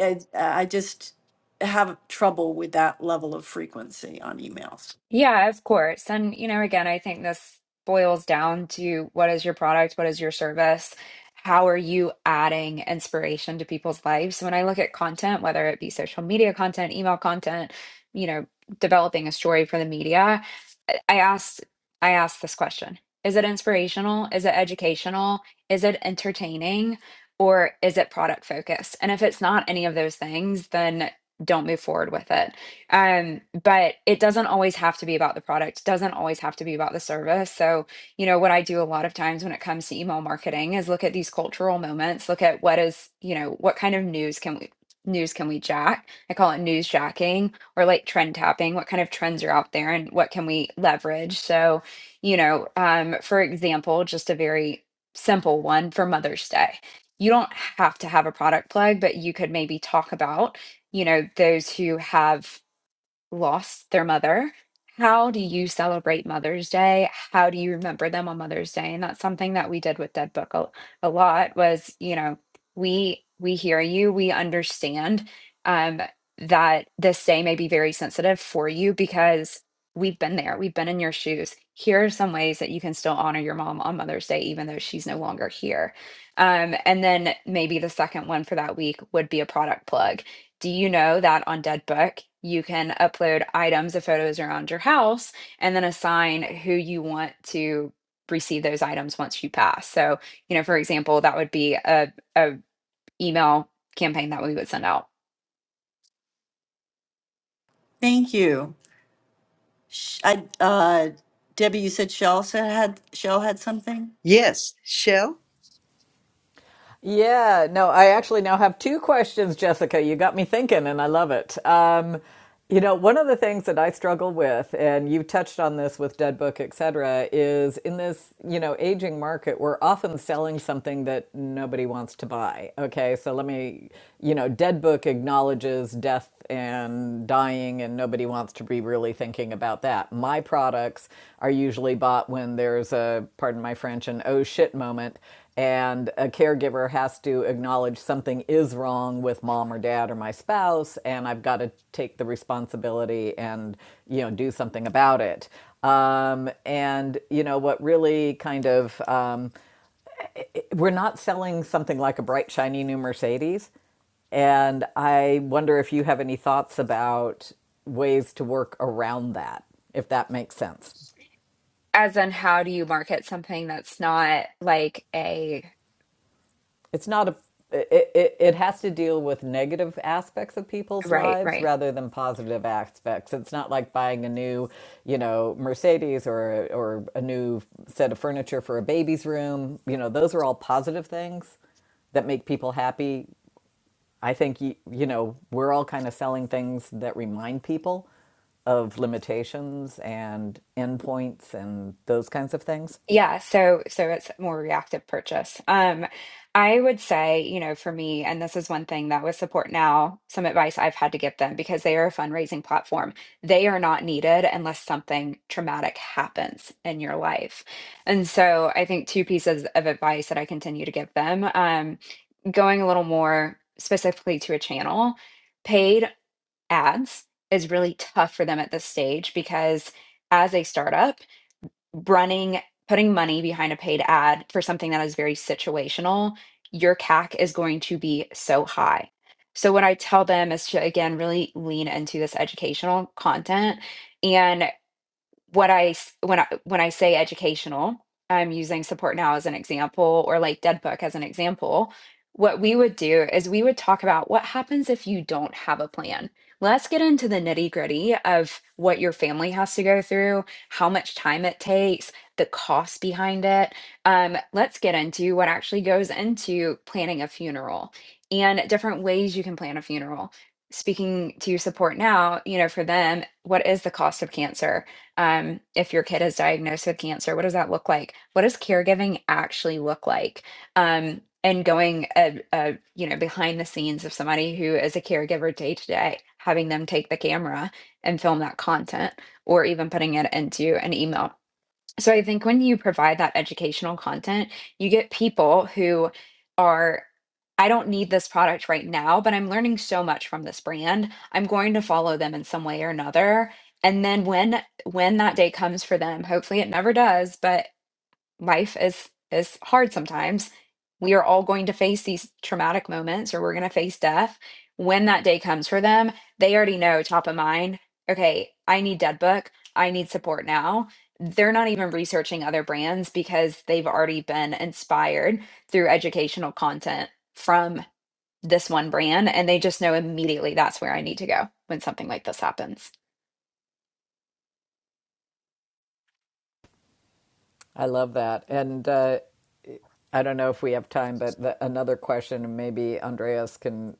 S1: I, I just have trouble with that level of frequency on emails.
S5: Yeah, of course. And, you know, again, I think this boils down to what is your product? What is your service? How are you adding inspiration to people's lives? When I look at content, whether it be social media content, email content, you know, developing a story for the media, I I asked I asked this question. Is it inspirational? Is it educational? Is it entertaining? Or is it product focused? And if it's not any of those things, then don't move forward with it um, but it doesn't always have to be about the product, doesn't always have to be about the service. So, you know, what I do a lot of times when it comes to email marketing is look at these cultural moments, look at what is, you know, what kind of news can we news can we jack? I call it news jacking or like trend tapping. What kind of trends are out there and what can we leverage? So, you know, um, for example, just a very simple one for Mother's Day. You don't have to have a product plug, but you could maybe talk about you know those who have lost their mother. How do you celebrate Mother's Day? How do you remember them on Mother's Day? And that's something that we did with Dead Book a, a lot was, you know, we we hear you, we understand um that this day may be very sensitive for you because we've been there. We've been in your shoes. Here are some ways that you can still honor your mom on Mother's Day even though she's no longer here. Um and then maybe the second one for that week would be a product plug do you know that on Deadbook, you can upload items of photos around your house and then assign who you want to receive those items once you pass? So, you know, for example, that would be a, a email campaign that we would send out.
S1: Thank you. Sh- I, uh, Debbie, you said Shell said had Shell had something.
S2: Yes, Shell?
S3: Yeah, no, I actually now have two questions, Jessica. You got me thinking, and I love it. Um, you know, one of the things that I struggle with, and you touched on this with Dead Book, et cetera, is in this, you know, aging market, we're often selling something that nobody wants to buy. Okay, so let me, you know, Dead Book acknowledges death and dying, and nobody wants to be really thinking about that. My products are usually bought when there's a, pardon my French, an oh shit moment and a caregiver has to acknowledge something is wrong with mom or dad or my spouse and i've got to take the responsibility and you know do something about it um, and you know what really kind of um, we're not selling something like a bright shiny new mercedes and i wonder if you have any thoughts about ways to work around that if that makes sense
S5: As in, how do you market something that's not like a
S3: it's not a it, it, it has to deal with negative aspects of people's
S5: right,
S3: lives
S5: right?
S3: rather than positive aspects. It's not like buying a new, you know, Mercedes or or a new set of furniture for a baby's room. You know, those are all positive things that make people happy. I think you, you know, we're all kind of selling things that remind people of limitations and endpoints and those kinds of things.
S5: Yeah, so so it's more reactive purchase. Um, I would say, you know, for me, and this is one thing that with Support Now, some advice I've had to give them because they are a fundraising platform. They are not needed unless something traumatic happens in your life. And so I think two pieces of advice that I continue to give them, um, going a little more specifically to a channel, paid ads is really tough for them at this stage because as a startup, running putting money behind a paid ad for something that is very situational your cac is going to be so high so what i tell them is to again really lean into this educational content and what I s- when I when I say educational, I'm using support now as an example or like Dead Book as an example. What we would do is we would talk about what happens if you don't have a plan. Let's get into the nitty gritty of what your family has to go through, how much time it takes, the cost behind it. Um, let's get into what actually goes into planning a funeral and different ways you can plan a funeral. Speaking to support now, you know, for them, what is the cost of cancer? um, if your kid is diagnosed with cancer, what does that look like? What does caregiving actually look like? Um, and going, uh, uh, you know, behind the scenes of somebody who is a caregiver day to day, having them take the camera and film that content, or even putting it into an email so I think when you provide that educational content, you get people who are, I don't need this product right now, but I'm learning so much from this brand. I'm going to follow them in some way or another. And then when when that day comes for them, hopefully it never does, but life is is hard sometimes. We are all going to face these traumatic moments or we're going to face death. When that day comes for them, they already know top of mind, okay, I need DeadBook. I need support now. They're not even researching other brands because they've already been inspired through educational content from this one brand and they just know immediately that's where I need to go when something like this happens.
S3: I love that. And uh, I don't know if we have time, but the, another question, and maybe Andreas can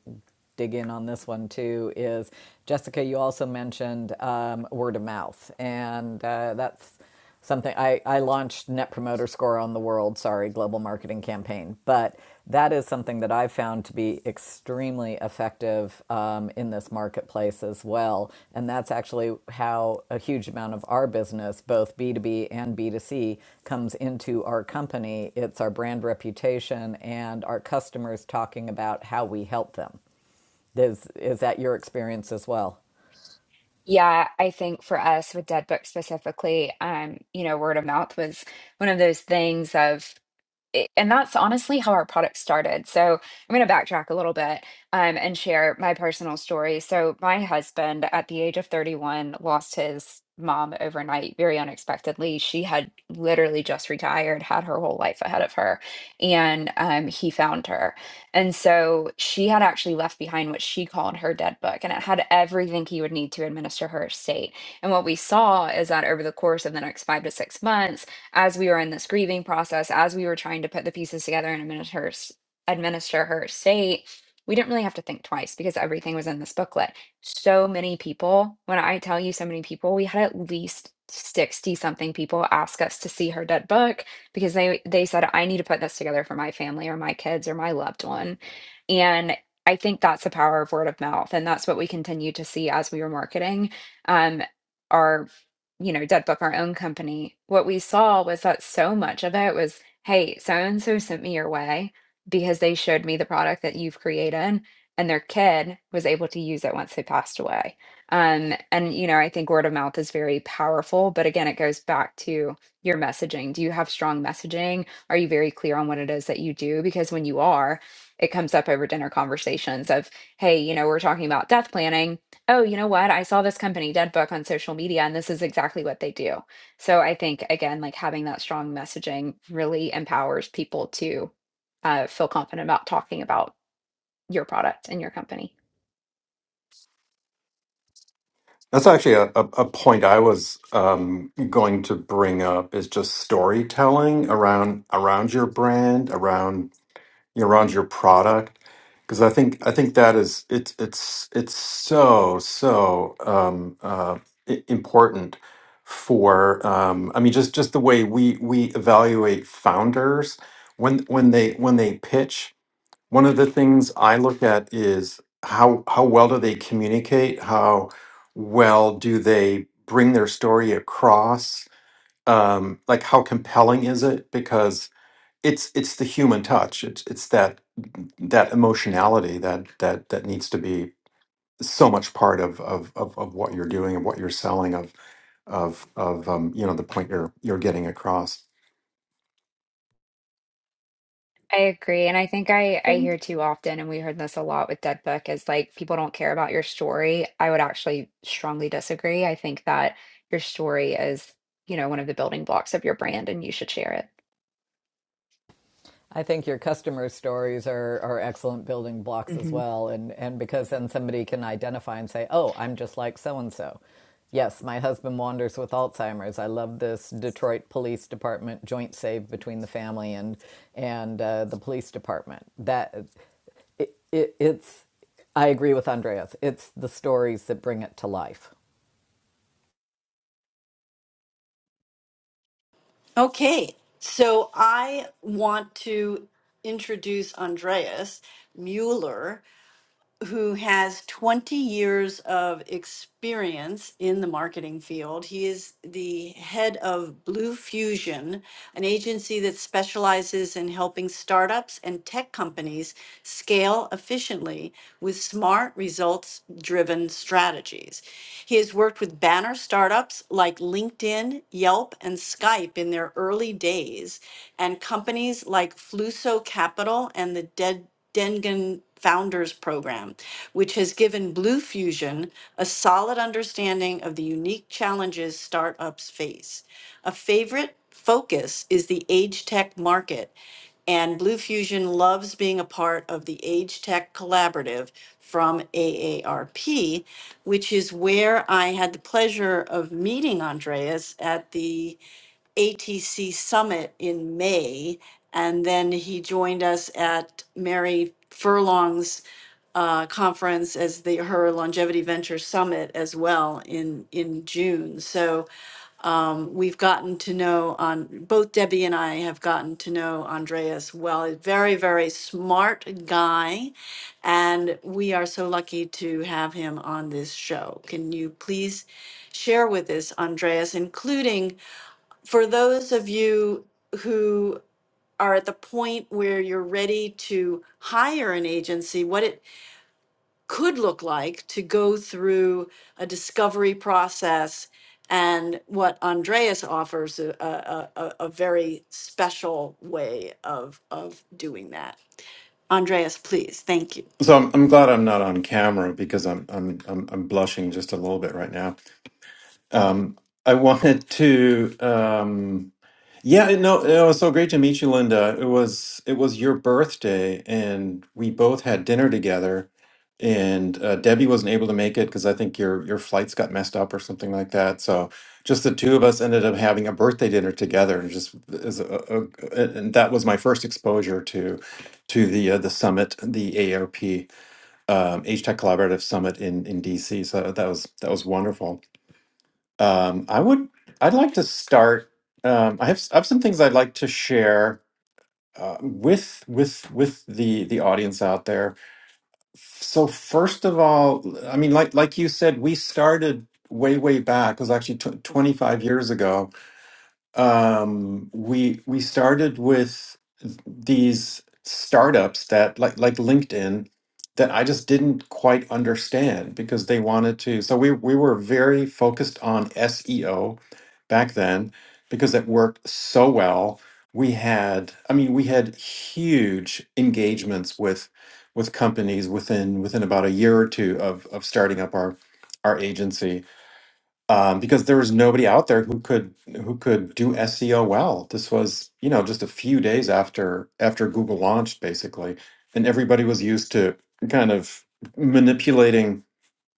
S3: dig in on this one too, is Jessica, you also mentioned um, word of mouth. And uh, that's something I, I launched Net Promoter Score on the World, sorry, global marketing campaign. But that is something that I've found to be extremely effective um, in this marketplace as well. And that's actually how a huge amount of our business, both B2B and B2C, comes into our company. It's our brand reputation and our customers talking about how we help them. Is, is that your experience as well?
S5: Yeah, I think for us with Dead Book specifically, um, you know, word of mouth was one of those things of it- and that's honestly how our product started. So I'm going to backtrack a little bit um, and share my personal story. So my husband, at the age of 31, lost his mom overnight very unexpectedly. She had literally just retired, had her whole life ahead of her, and um, he found her. And so she had actually left behind what she called her dead book, and it had everything he would need to administer her estate. And what we saw is that over the course of the next five to six months, as we were in this grieving process, as we were trying to put the pieces together and administer her, s- administer her state, we didn't really have to think twice because everything was in this booklet. So many people, when I tell you so many people, we had at least 60 something people ask us to see her dead book because they they said I need to put this together for my family or my kids or my loved one. And I think that's the power of word of mouth and that's what we continue to see as we were marketing. Um our you know, Dead Book, our own company, what we saw was that so much of it was, hey, so and so sent me your way because they showed me the product that you've created, and their kid was able to use it once they passed away. Um, and you know, I think word of mouth is very powerful, but again, it goes back to your messaging. Do you have strong messaging? Are you very clear on what it is that you do? Because when you are, it comes up over dinner conversations of, hey, you know, we're talking about death planning Oh, you know what? I saw this company, DeadBook on social media, and this is exactly what they do. So I think, again, like having that strong messaging really empowers people to uh, feel confident about talking about your product and your company.
S4: That's actually a, a, a point I was um, going to bring up is just storytelling around around your brand, around you know, around your product because I think I think that is it's it's it's so so um, uh, i- important for um, I mean just just the way we we evaluate founders when when they when they pitch one of the things I look at is how how well do they communicate how well do they bring their story across um, like how compelling is it because it's it's the human touch. It's it's that that emotionality that that that needs to be so much part of of of, of what you're doing and what you're selling of of of um, you know the point you're you're getting across.
S5: I agree. And I think I, I hear too often, and we heard this a lot with DeadBook, is like people don't care about your story. I would actually strongly disagree. I think that your story is, you know, one of the building blocks of your brand and you should share it.
S3: I think your customer stories are, are excellent building blocks as
S5: Mhm.
S3: well. And, and because then somebody can identify and say, oh, I'm just like so and so. Yes, my husband wanders with Alzheimer's. I love this Detroit Police Department joint save between the family and, and uh, the police department. That it, it, it's, I agree with Andreas. It's the stories that bring it to life.
S1: Okay, so I want to introduce Andreas Mueller. who has 20 years of experience in the marketing field. He is the head of Blue Fusion, an agency that specializes in helping startups and tech companies scale efficiently with smart, results driven strategies. He has worked with banner startups like LinkedIn, Yelp, and Skype in their early days, and companies like Fluso Capital and the Dead. Dengen Founders Program, which has given Blue Fusion a solid understanding of the unique challenges startups face. A favorite focus is the age tech market, and Blue Fusion loves being a part of the Age Tech Collaborative from AARP, which is where I had the pleasure of meeting Andreas at the ATC Summit in May, and then he joined us at Mary Furlong's uh, conference as the her longevity venture summit as well in in June. So um, we've gotten to know on both Debbie and I have gotten to know Andreas well. A very very smart guy, and we are so lucky to have him on this show. Can you please share with us, Andreas, including? for those of you who are at the point where you're ready to hire an agency, what it could look like to go through a discovery process and what Andreas offers a, a, a, a very special way of, of doing that. Andreas, please. Thank you.
S4: So I'm, I'm glad I'm not on camera because I'm I'm I'm, I'm blushing just a little bit right now. Um, I wanted to. Um, Yeah, no, it was so great to meet you, Linda. It was it was your birthday, and we both had dinner together. And uh, Debbie wasn't able to make it because I think your your flights got messed up or something like that. So just the two of us ended up having a birthday dinner together, and just as a, a, a- and that was my first exposure to to the uh, the summit, the AOP um, H Tech Collaborative Summit in in DC. So that was that was wonderful. Um, I would. I'd like to start. Um, I have. s- I have some things I'd like to share uh, with with with the the audience out there. So first of all, I mean, like like you said, we started way way back. It was actually tw- 25 years ago um, we we started with these startups that like like LinkedIn that I just didn't quite understand because they wanted to. So we we were very focused on SEO back then because it worked so well. We had, I mean, we had huge engagements with with companies within within about a year or two of of starting up our our agency um, because there was nobody out there who could who could do SEO well. This was you know just a few days after after Google launched basically, and everybody was used to kind of manipulating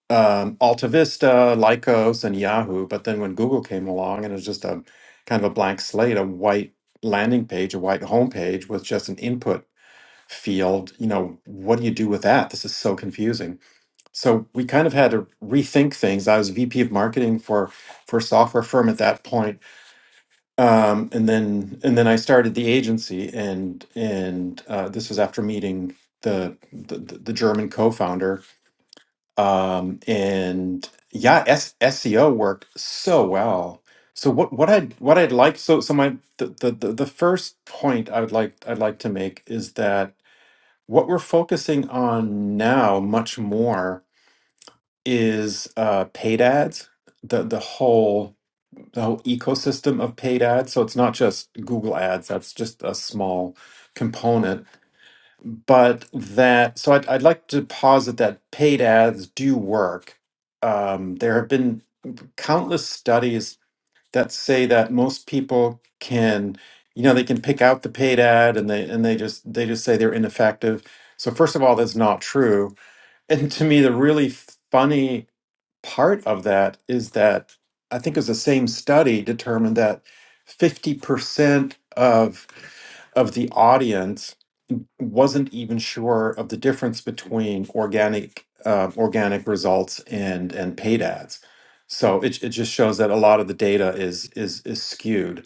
S4: um, AltaVista, Lycos, and Yahoo. But then when Google came along, and it was just a kind of a blank slate, a white landing page, a white homepage with just an input field. You know, what do you do with that? This is so confusing so we kind of had to rethink things. I was VP of marketing for for a software firm at that point, um, and then and then I started the agency, and and uh, this was after meeting the the, the German co-founder, um, and yeah, S- SEO worked so well. So what what I what I'd like so so my the, the the the first point I would like I'd like to make is that what we're focusing on now much more is uh, paid ads, the the whole the whole ecosystem of paid ads. So it's not just Google ads, that's just a small component. But that so I'd, I'd like to posit that paid ads do work. Um, there have been countless studies that say that most people can you know they can pick out the paid ad and they and they just they just say they're ineffective. So first of all, that's not true. And to me, the really funny part of that is that I think it was the same study determined that 50% of of the audience wasn't even sure of the difference between organic uh, organic results and and paid ads. So it, it just shows that a lot of the data is is is skewed.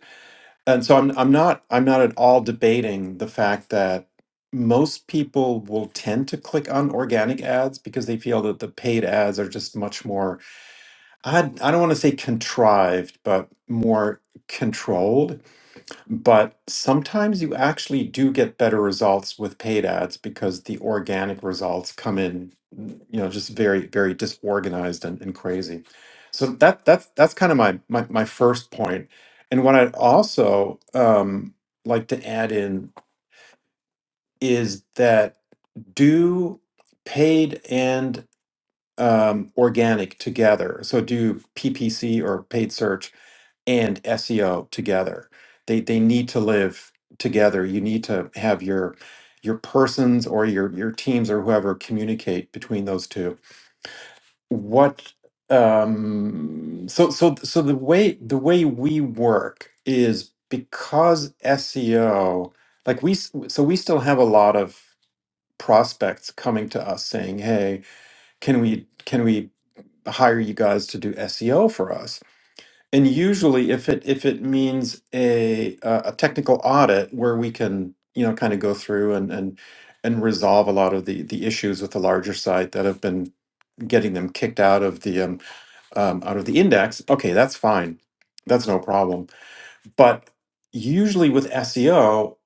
S4: And so I'm I'm not I'm not at all debating the fact that most people will tend to click on organic ads because they feel that the paid ads are just much more I, I don't want to say contrived, but more controlled. But sometimes you actually do get better results with paid ads because the organic results come in, you know, just very, very disorganized and, and crazy. So that that's that's kind of my, my my first point. And what I'd also um, like to add in is that do paid and um, organic together. So do PPC or paid search and SEO together. They they need to live together. You need to have your your persons or your your teams or whoever communicate between those two. What um so so so the way the way we work is because SEO like we s- so we still have a lot of prospects coming to us saying, "Hey, can we can we hire you guys to do SEO for us?" And usually, if it if it means a uh, a technical audit where we can you know kind of go through and and and resolve a lot of the the issues with the larger site that have been getting them kicked out of the um, um out of the index, okay, that's fine, that's no problem. But usually with SEO,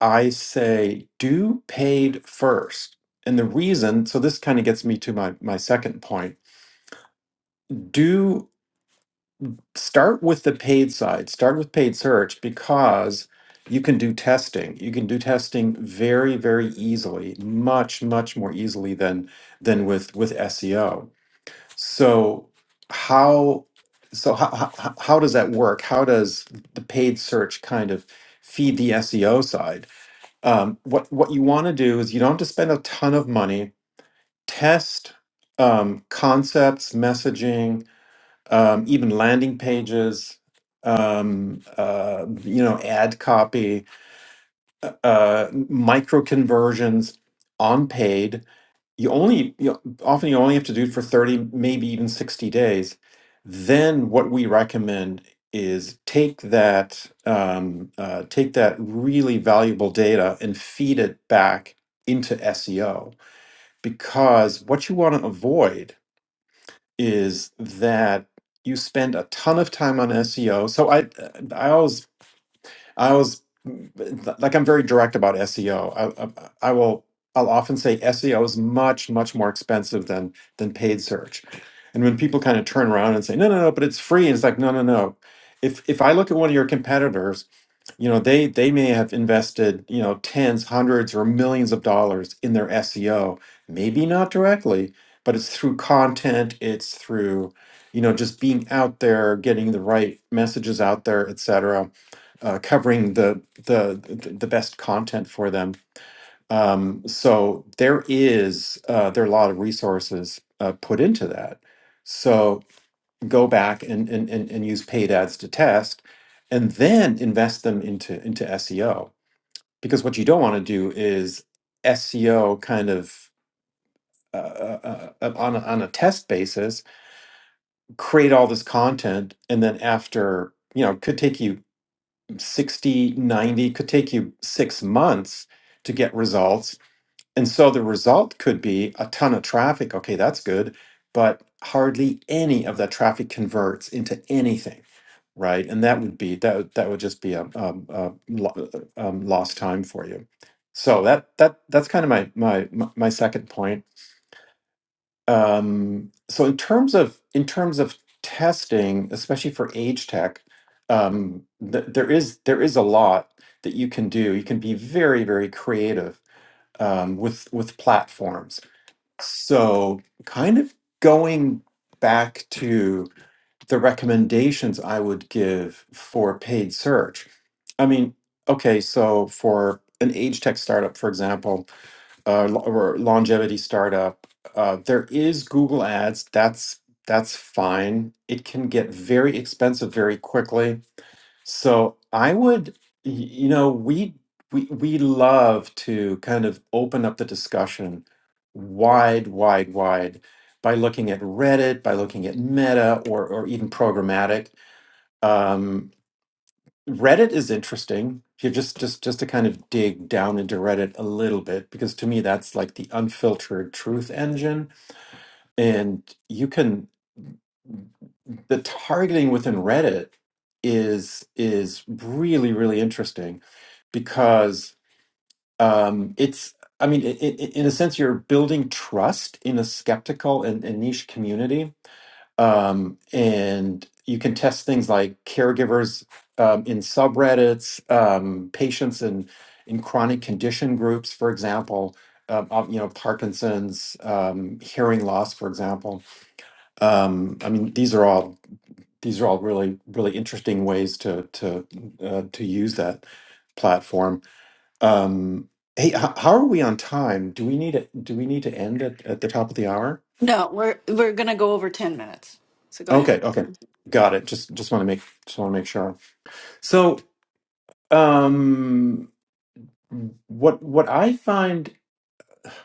S4: I say do paid first, and the reason so this kind of gets me to my my second point. start with the paid side, start with paid search because you can do testing. You can do testing very, very easily, much, much more easily than than with with SEO. So how so how, how, how does that work? How does the paid search kind of feed the SEO side? Um, what what you want to do is you don't have to spend a ton of money. Test um, concepts, messaging, um, even landing pages, um, uh, you know, ad copy, uh, uh, micro conversions on paid. You only you know, often you only have to do it for thirty, maybe even sixty days. Then what we recommend is take that um, uh, take that really valuable data and feed it back into SEO because what you want to avoid is that you spend a ton of time on SEO. So I, I always, I always, like I'm very direct about SEO. I, I, I will, I'll often say SEO is much, much more expensive than than paid search. And when people kind of turn around and say, no, no, no, but it's free, and it's like, no, no, no. If if I look at one of your competitors you know they they may have invested you know tens hundreds or millions of dollars in their seo maybe not directly but it's through content it's through you know just being out there getting the right messages out there etc uh, covering the, the the the best content for them um, so there is uh, there are a lot of resources uh, put into that So go back and, and, and, and use paid ads to test and then invest them into into SEO because what you don't want to do is SEO kind of uh, uh, uh, on a, on a test basis create all this content and then after you know could take you 60 90, could take you 6 months to get results And so the result could be a ton of traffic. Okay, that's good, but hardly any of that traffic converts into anything, right? And that would be that would- that would just be a, um a lo- um, lost time for you. So that that that's kind of my my my my second point. Um, so in terms of in terms of testing, especially for age tech, um, th- there is there is a lot that you can do. You can be very very creative um, with with platforms. So, kind of going back to the recommendations I would give for paid search. I mean, okay, so for an age tech startup, for example, uh, lo- or longevity startup, uh, there is Google Ads. That's that's fine. It can get very expensive very quickly so I would, y- you know, we we we love to kind of open up the discussion wide, wide, wide by looking at Reddit, by looking at Meta, or or even programmatic. Um, Reddit is interesting. If you just just just to kind of dig down into Reddit a little bit, because to me that's like the unfiltered truth engine and you can the targeting within Reddit is is really really interesting because um, it's I mean i i in a sense you're building trust in a skeptical and, and niche community um, and you can test things like caregivers um, in subreddits um, patients in in chronic condition groups for example um, of, you know Parkinson's um, hearing loss for example um, I mean, these are all these are all really really interesting ways to to uh, to use that platform. Um, hey, h- how are we on time? Do we need to, do we need to end at, at the top of the hour?
S1: No, we're, we're going to go over 10 minutes. So go ahead.
S4: Okay, okay, got it. Just just want to make just want to make sure. So, um, what what I find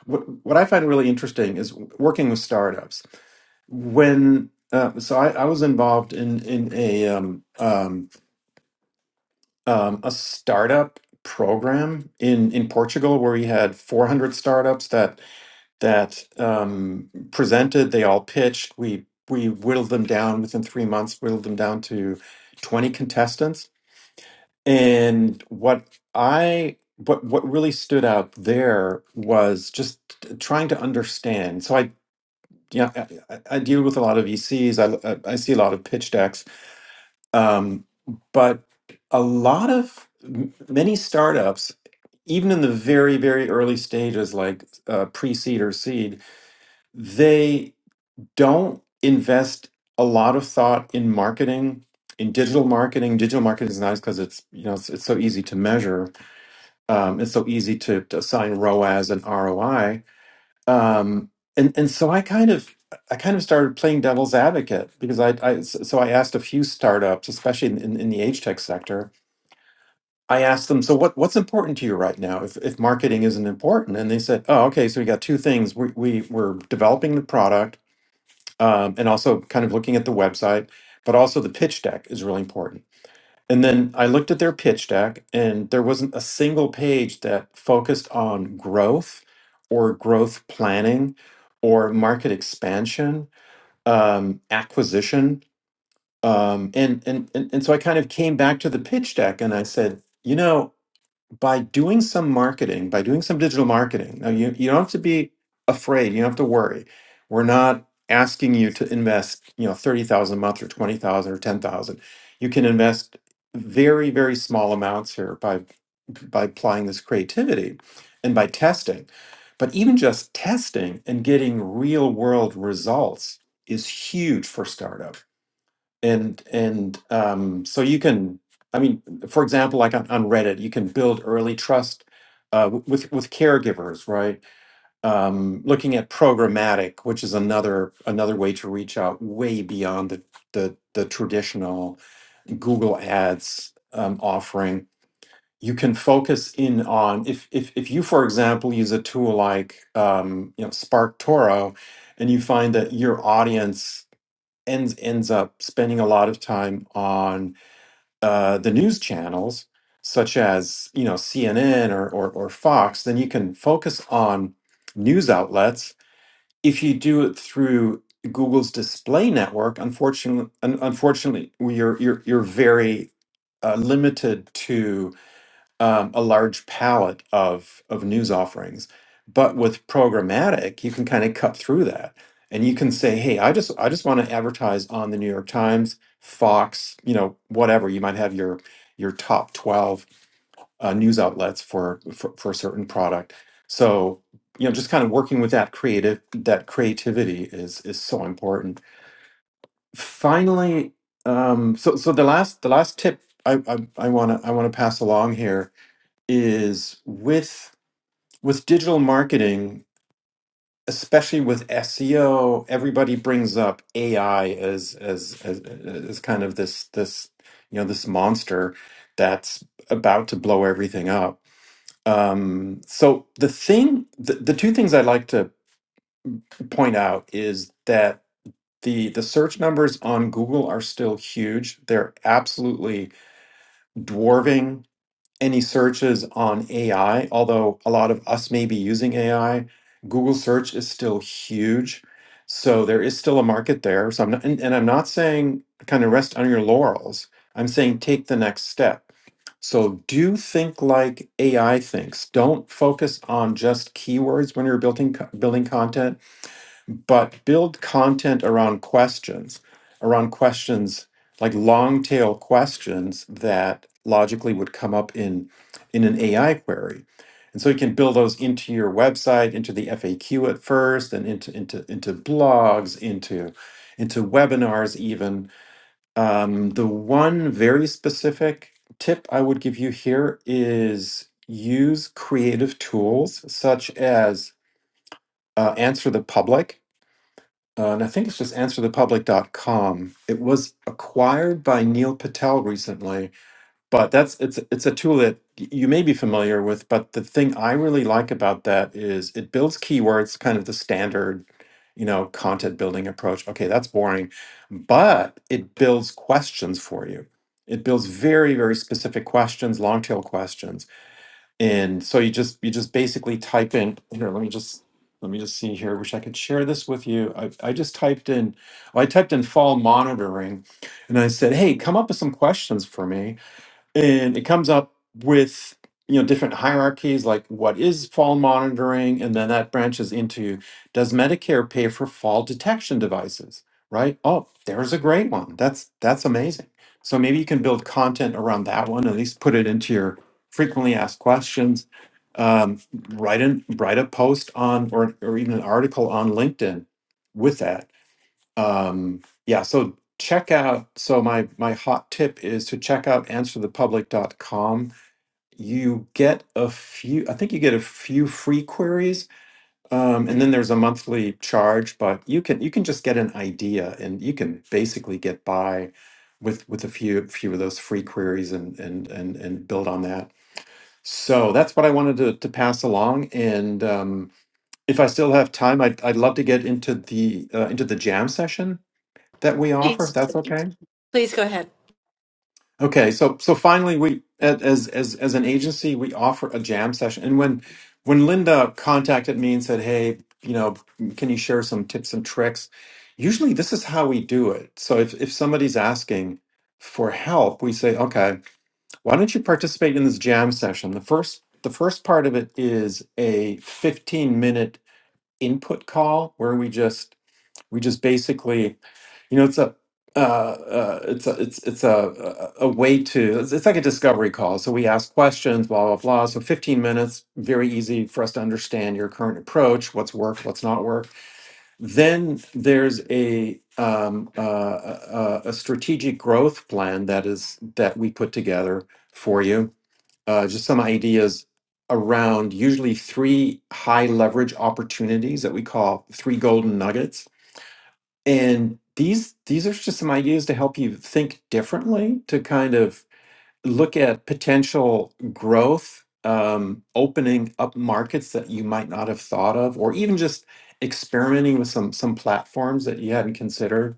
S4: what what I find really interesting is working with startups when. Uh, so I, I was involved in in a um, um, um, a startup program in in Portugal where we had 400 startups that that um, presented. They all pitched. We we whittled them down within three months. Whittled them down to 20 contestants. And what I what what really stood out there was just trying to understand. So I yeah I, I I deal with a lot of VCs. I I I see a lot of pitch decks um, but a lot of m- many startups, even in the very, very early stages, like uh, pre seed or seed, they don't invest a lot of thought in marketing. In digital marketing, digital marketing is nice because it's you know it's, it's so easy to measure. Um, it's so easy to, to assign ROAS and ROI. Um, and and so I kind of I kind of started playing devil's advocate because I, I so so I asked a few startups, especially in, in, in the age tech sector, I asked them, so what, what's important to you right now if, if marketing isn't important? And they said, oh, okay, so we got two things. We, we, we're developing the product um, and also kind of looking at the website, but also the pitch deck is really important. And then I looked at their pitch deck, and there wasn't a single page that focused on growth or growth planning or market expansion, um, acquisition. Um, and, and, and, and so I kind of came back to the pitch deck and I said, you know, by doing some marketing, by doing some digital marketing. Now, you, you don't have to be afraid. You don't have to worry. We're not asking you to invest, you know, 30,000 a month or 20,000 or 10,000. You can invest very, very small amounts here by, by applying this creativity and by testing. But even just testing and getting real world results is huge for startup and and um, so you can i mean for example like on, on reddit you can build early trust uh, w- with with caregivers right um, looking at programmatic which is another another way to reach out way beyond the the, the traditional google ads um, offering you can focus in on if, if if you for example use a tool like um, you know spark toro and you find that your audience ends ends up spending a lot of time on uh, the news channels such as you know CNN or, or or Fox, then you can focus on news outlets. If you do it through Google's display network, unfortunately, un- unfortunately, you're you're you're very uh, limited to um, a large palette of of news offerings. But with programmatic, you can kind of cut through that, and you can say, "Hey, I just I just want to advertise on the New York Times, Fox, you know, whatever." You might have your your top twelve uh, news outlets for, for for a certain product. So you know, just kind of working with that creative that creativity is is so important. Finally, um, so so the last the last tip I I want to I want to pass along here is with with digital marketing especially with SEO everybody brings up AI as as as, as kind of this this you know this monster that's about to blow everything up um so the thing the, the two things i like to point out is that the the search numbers on google are still huge they're absolutely dwarving any searches on AI, although a lot of us may be using AI, Google search is still huge. So there is still a market there. So I'm not, and, and I'm not saying kind of rest on your laurels. I'm saying take the next step. So do think like AI thinks. Don't focus on just keywords when you're building co- building content but build content around questions, around questions like long tail questions that logically would come up in in an AI query. And so you can build those into your website, into the FAQ at first, and into into into blogs, into into webinars even. Um, the one very specific tip I would give you here is use creative tools such as uh, Answer the Public uh, and I think it's just answer the public dot com. It was acquired by Neil Patel recently, but that's it's it's a tool that y- you may be familiar with. But the thing I really like about that is it builds keywords, kind of the standard, you know, content building approach. Okay, that's boring, but it builds questions for you. It builds very very specific questions, long tail questions and so you just you just basically type in here let me just let me just see here wish i could share this with you i, I just typed in i typed in fall monitoring and i said hey come up with some questions for me and it comes up with you know different hierarchies like what is fall monitoring and then that branches into does medicare pay for fall detection devices right oh there's a great one that's that's amazing so maybe you can build content around that one at least put it into your frequently asked questions um, write in write a post on or, or even an article on linkedin with that um yeah so check out so my my hot tip is to check out answer the public dot com. you get a few i think you get a few free queries um, and then there's a monthly charge but you can you can just get an idea and you can basically get by with with a few few of those free queries and and and, and build on that so that's what i wanted to, to pass along and um, if i still have time I'd, I'd love to get into the uh, into the jam session that we offer, if
S1: Please.
S4: that's okay.
S1: Please go ahead.
S4: Okay, so so finally, we at- as as as an agency, we offer a jam session. And when when Linda contacted me and said, "Hey, you know, can you share some tips and tricks?" Usually, this is how we do it. So if if somebody's asking for help, we say, "Okay, why don't you participate in this jam session?" The first the first part of it is a 15 minute input call where we just we just basically, you know, it's a uh, uh, it's a it's it's a a a way to it's, it's like a discovery call. So we ask questions, blah blah blah. So 15 minutes, very easy for us to understand your current approach, what's worked, what's not worked. Then there's a um, uh, a, a a strategic growth plan that is that we put together for you. Uh, just some ideas around usually three high leverage opportunities that we call three golden nuggets and these these are just some ideas to help you think differently to kind of look at potential growth um, opening up markets that you might not have thought of or even just experimenting with some some platforms that you hadn't considered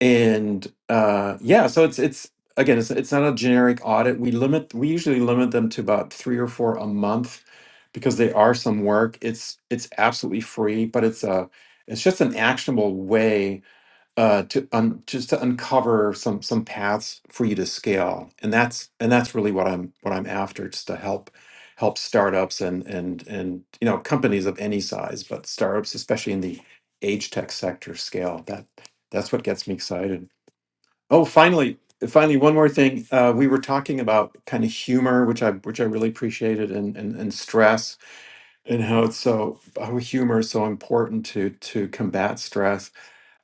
S4: and uh, yeah so it's it's again it's, it's not a generic audit we limit we usually limit them to about three or four a month because they are some work it's it's absolutely free but it's a it's just an actionable way uh, to un, just to uncover some some paths for you to scale, and that's and that's really what I'm what I'm after, just to help help startups and and and you know companies of any size, but startups especially in the age tech sector scale. That that's what gets me excited. Oh, finally, finally, one more thing. Uh, we were talking about kind of humor, which I which I really appreciated, and and, and stress, and how it's so how humor is so important to to combat stress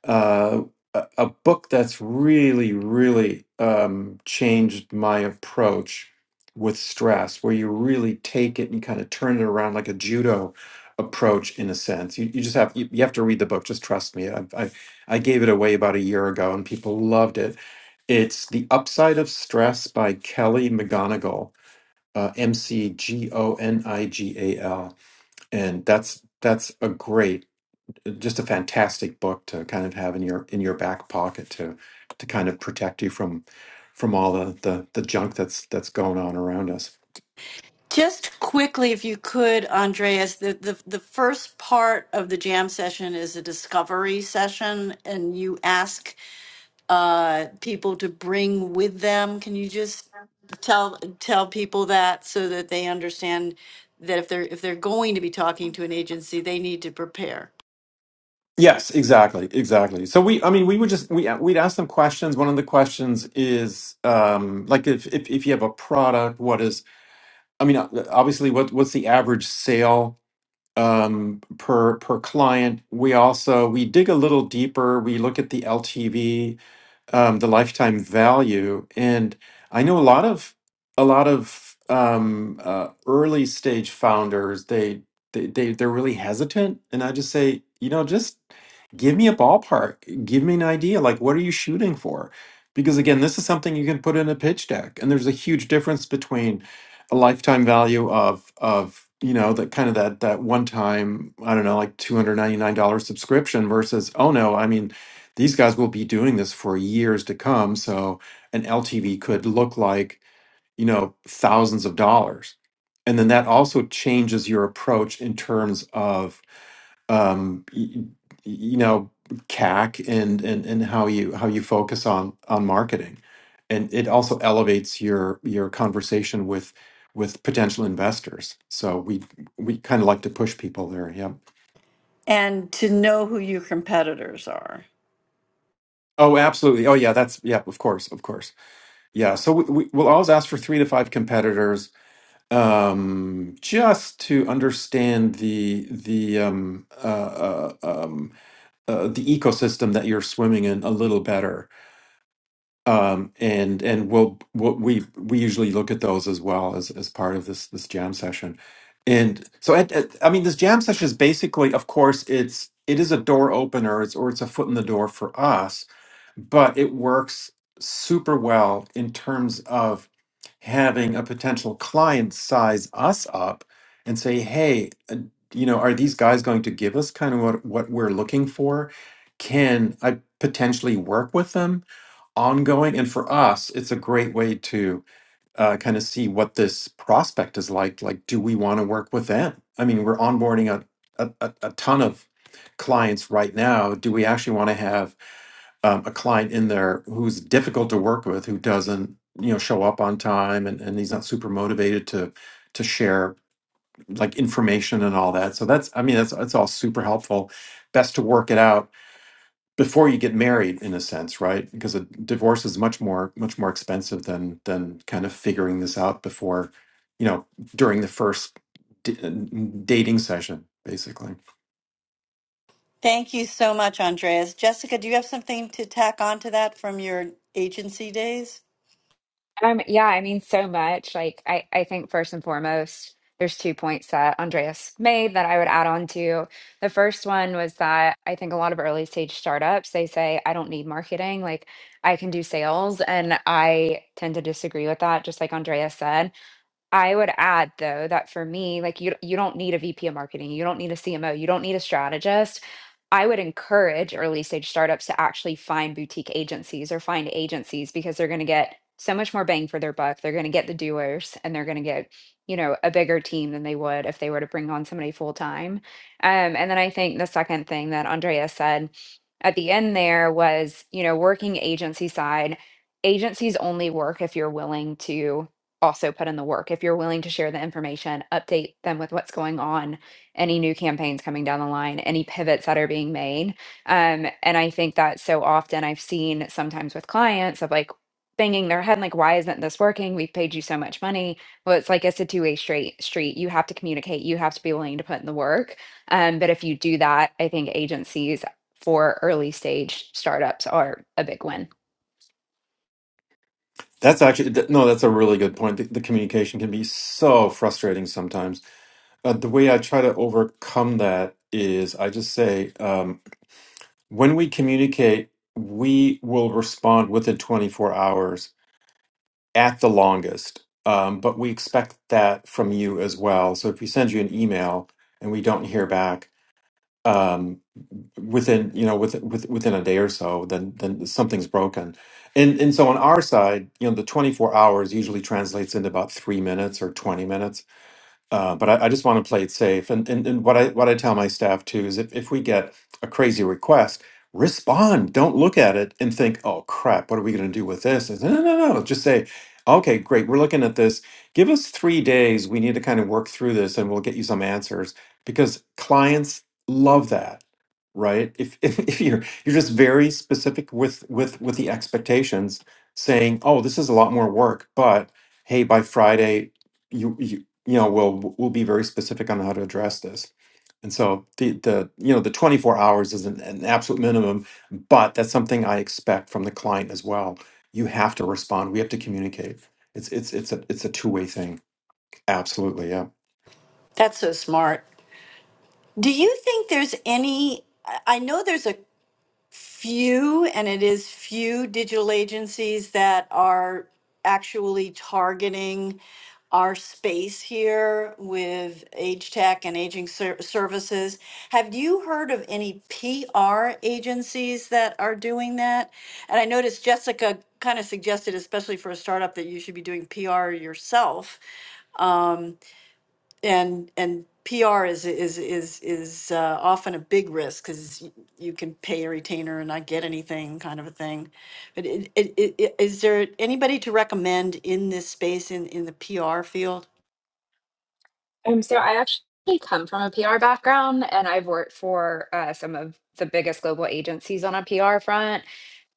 S4: uh, a a book that's really, really um, changed my approach with stress, where you really take it and kind of turn it around like a judo approach in a sense. You, you just have you, you have to read the book. Just trust me. I, I I gave it away about a year ago, and people loved it. It's The Upside of Stress by Kelly McGonigal. Uh, M C G O N I G A L, and that's that's a great just a fantastic book to kind of have in your in your back pocket to to kind of protect you from from all the the, the junk that's that's going on around us.
S1: Just quickly, if you could, Andreas, the, the, the first part of the jam session is a discovery session, and you ask uh, people to bring with them. Can you just tell tell people that so that they understand that if they're if they're going to be talking to an agency, they need to prepare
S4: Yes, exactly, exactly. So we, I mean, we would just we we'd ask them questions. One of the questions is um, like if, if if you have a product, what is I mean, uh, obviously, what what's the average sale um, per per client? We also we dig a little deeper. We look at the LTV um, the lifetime value. And I know a lot of a lot of um, uh, early stage founders they, they they they're really hesitant, and I just say you know just give me a ballpark, give me an idea. Like what are you shooting for? Because again, this is something you can put in a pitch deck, and there's a huge difference between a lifetime value of of you know that kind of that that one time I don't know like two hundred ninety nine dollars subscription versus oh no I mean these guys will be doing this for years to come. So an LTV could look like, you know, thousands of dollars. And then that also changes your approach in terms of, um, y- y- you know, CAC and, and, and how you, how you focus on, on marketing. And it also elevates your, your conversation with, with potential investors. So we, we kind of like to push people there. Yeah.
S1: and to know who your competitors are.
S4: Oh, absolutely. Oh yeah. That's, yeah, of course. Of course. Yeah, so we, we, we'll always ask for three to five competitors, um, just to understand the the um, uh, uh, um, uh, the ecosystem that you're swimming in a little better. Um, and and we'll, we'll we we usually look at those as well as as part of this this jam session. And so, at, at- I mean, this jam session is basically, of course, it's it is a door opener, it's or it's a foot in the door for us but it works super well in terms of having a potential client size us up and say, hey, uh, you know, are these guys going to give us kind of what, what we're looking for? Can I potentially work with them ongoing? And for us, it's a great way to uh, kind of see what this prospect is like. Like, do we want to work with them? I mean, we're onboarding a, a, a a ton of clients right now. Do we actually want to have um, a client in there who's difficult to work with, who doesn't, you know, show up on time and, and he's not super motivated to to share like information and all that. So that's I mean that's that's all super helpful. Best to work it out before you get married in a sense, right? Because a divorce is much more much more expensive than than kind of figuring this out before, you know, during the first d- uh, dating session basically.
S1: Thank you so much, Andreas. Jessica, do you have something to tack onto that from your agency days?
S5: Um, yeah, I mean, so much. Like, I, I think first and foremost, there's two points that Andreas made that I would add on to. The first one was that I think a lot of early stage startups, they say, I don't need marketing, like I can do sales. And I tend to disagree with that, just like Andreas said. I would add though that for me, like you you don't need a VP of marketing, you don't need a CMO, you don't need a strategist. I would encourage early stage startups to actually find boutique agencies or find agencies because they're going to get so much more bang for their buck. They're going to get the doers and they're going to get, you know, a bigger team than they would if they were to bring on somebody full time. Um, and then I think the second thing that Andrea said at the end there was, you know, working agency side. Agencies only work if you're willing to also put in the work, if you're willing to share the information, update them with what's going on, any new campaigns coming down the line, any pivots that are being made. Um, and I think that so often I've seen sometimes with clients of like banging their head, like, why isn't this working? We've paid you so much money. Well, it's like it's a two-way straight street. You have to communicate, you have to be willing to put in the work. Um, but if you do that, I think agencies for early stage startups are a big win.
S4: That's actually th- no, that's a really good point. The, the communication can be so frustrating sometimes Uh, the way I try to overcome that is I just say, um, when we communicate, we will respond within 24 hours at the longest. Um, but we expect that from you as well. So if we send you an email and we don't hear back um, within, you know, with, with, within a day or so, then then something's broken. And and so on our side, you know, the 24 hours usually translates into about three minutes or 20 minutes uh, but I, I just want to play it safe. And, and and what I what I tell my staff too is if, if we get a crazy request, respond. Don't look at it and think, oh crap, what are we gonna do with this? It's, no, no, no. no. Just say, okay, great, we're looking at this. Give us three days. We need to kind of work through this and we'll get you some answers because clients love that. Right. If, (laughs) if if you're you're just very specific with with with the expectations, saying, oh, this is a lot more work, but hey, by Friday, you, you you know we'll we'll be very specific on how to address this and so the the you know the 24 hours is an, an absolute minimum but that's something i expect from the client as well you have to respond we have to communicate it's it's it's a it's a two-way thing absolutely yeah
S1: That's so smart. Do you think there's any? I I know there's a few, and it is few digital agencies that are actually targeting our space here with age tech and aging ser- services. Have you heard of any PR agencies that are doing that? And I noticed Jessica kind of suggested, especially for a startup, that you should be doing PR yourself. Um, and and PR is is is is uh, often a big risk because you can pay a retainer and not get anything, kind of a thing. But it, it, it, it- is there anybody to recommend in this space in in the PR field?
S5: Um, so I actually come from a PR background and I've worked for uh, some of the biggest global agencies on a PR front.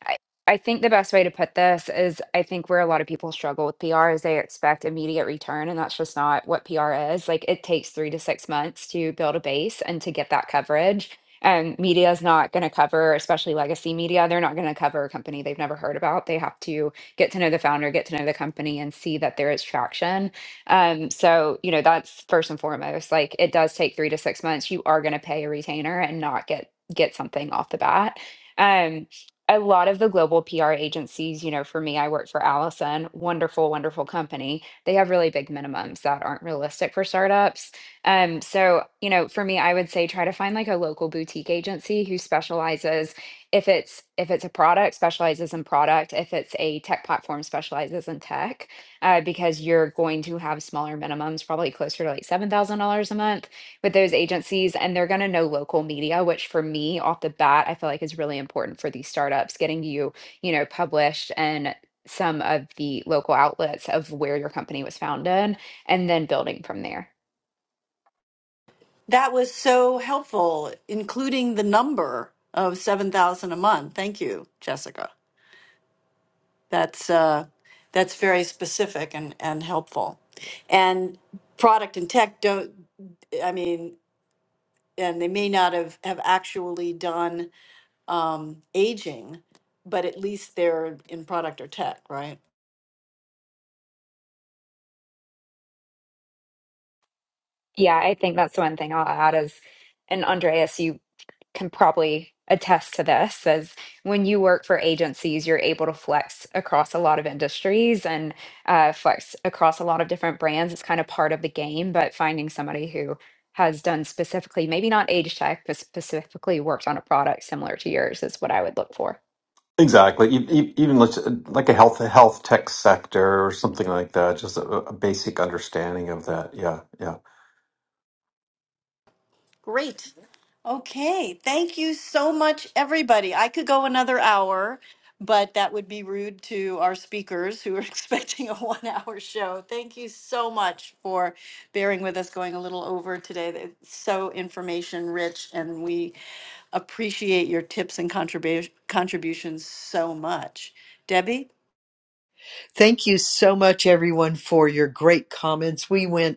S5: I I think the best way to put this is I think where a lot of people struggle with PR is they expect immediate return, and that's just not what PR is. Like it takes three to six months to build a base and to get that coverage. And media is not going to cover, especially legacy media, they're not going to cover a company they've never heard about. They have to get to know the founder, get to know the company, and see that there is traction. Um, so, you know, that's first and foremost. Like it does take three to six months. You are going to pay a retainer and not get get something off the bat. Um a lot of the global PR agencies, you know, for me, I work for Allison, wonderful, wonderful company. They have really big minimums that aren't realistic for startups. Um, so, you know, for me, I would say try to find like a local boutique agency who specializes if it's if it's a product, specializes in product, if it's a tech platform, specializes in tech, uh, because you're going to have smaller minimums, probably closer to like seven thousand dollars a month with those agencies and they're going to know local media which for me off the bat i feel like is really important for these startups getting you you know published and some of the local outlets of where your company was founded and then building from there
S1: That was so helpful, including the number of seven thousand a month. Thank you, Jessica. That's uh, that's very specific and and helpful, and product and tech don't. I mean, and they may not have, have actually done aging, but at least they're in product or tech, right?
S5: yeah i think that's the one thing i'll add is and andreas you can probably attest to this as when you work for agencies you're able to flex across a lot of industries and uh, flex across a lot of different brands it's kind of part of the game but finding somebody who has done specifically maybe not age tech but specifically worked on a product similar to yours is what i would look for
S4: Exactly. E- e- Even let's, like a health health tech sector or something like that. Just a, a basic understanding of that. Yeah, yeah.
S1: Great. Okay. Thank you so much, everybody. I could go another hour, but that would be rude to our speakers who are (laughs) expecting a one hour show. Thank you so much for bearing with us going a little over today. It's so information rich, and we appreciate your tips and contribu- contributions so much. Debbie?
S2: Thank you so much, everyone, for your great comments. We went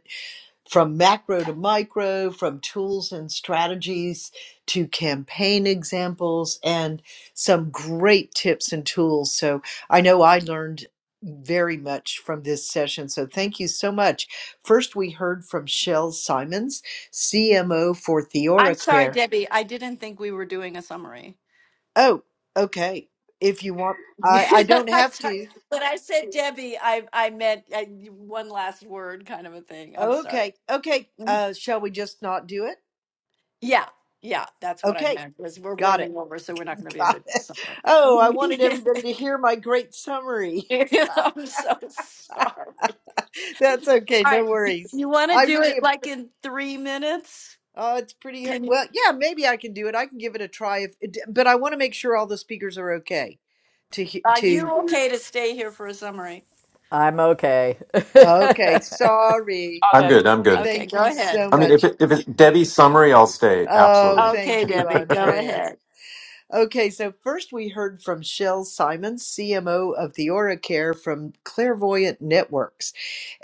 S2: from macro to micro, from tools and strategies to campaign examples, and some great tips and tools. So I know I learned very much from this session. So thank you so much. First, we heard from Shell Simons, CMO for
S1: I'm sorry,
S2: TheoraCare.
S1: Debbie. I didn't think we were doing a summary.
S2: Oh, okay. If you want,
S1: (laughs)
S2: I, I don't
S1: I'm
S2: have
S1: sorry.
S2: to.
S1: When I said Debbie, I I meant I, one last word kind of a thing. I'm sorry.
S2: Okay. Okay.
S1: Mm-hmm.
S2: Uh, shall we just not do it?
S1: Yeah, yeah, that's what I
S2: Okay.
S1: meant. Was we're
S2: Got it.
S1: running over, so we're not going to be able
S2: God.
S1: to do
S2: Oh, I wanted
S1: summary.
S2: everybody to hear my great summary.
S1: (laughs) I'm so sorry.
S2: (laughs) That's okay,
S1: All
S2: no
S1: right, you,
S2: worries.
S1: you want to
S2: I
S1: do
S2: really,
S1: it
S2: am-
S1: like in three minutes?
S2: oh, it's pretty,
S1: Can you?
S2: well, yeah, maybe I can do it. I can give it a try if, it d- but I want to make sure all the speakers are okay to, he-
S1: Are
S2: to,
S1: you okay to stay here for a summary?
S3: I'm okay.
S2: okay, sorry.
S5: All
S4: I'm
S5: good.
S4: good.
S5: (laughs)
S4: I'm good.
S1: Okay,
S2: Thank
S1: go
S2: you
S1: ahead.
S2: so
S4: I mean, if
S2: much.
S4: it, if it Debbie's summary, I'll stay.
S2: Oh,
S4: Absolutely.
S1: Okay,
S2: thank you,
S4: (laughs)
S1: Debbie, go
S2: Andreas.
S1: ahead.
S2: Okay, so first we heard from Shel Simon, CMO of TheoraCare from Clairvoyant Networks.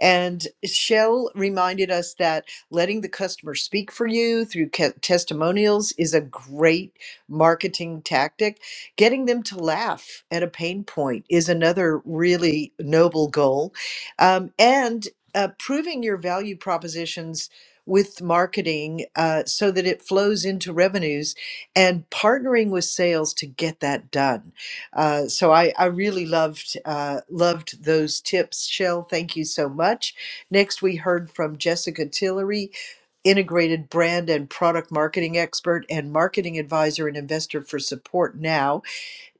S2: And Shel reminded us that letting the customer speak for you through ca- testimonials is a great marketing tactic. Getting them to laugh at a pain point is another really noble goal. Um, and uh, proving your value propositions with marketing uh, so that it flows into revenues and partnering with sales to get that done. Uh, so I, I really loved uh, loved those tips. Shell, thank you so much. Next, we heard from Jessica Tillery, integrated brand and product marketing expert and marketing advisor and investor for Support Now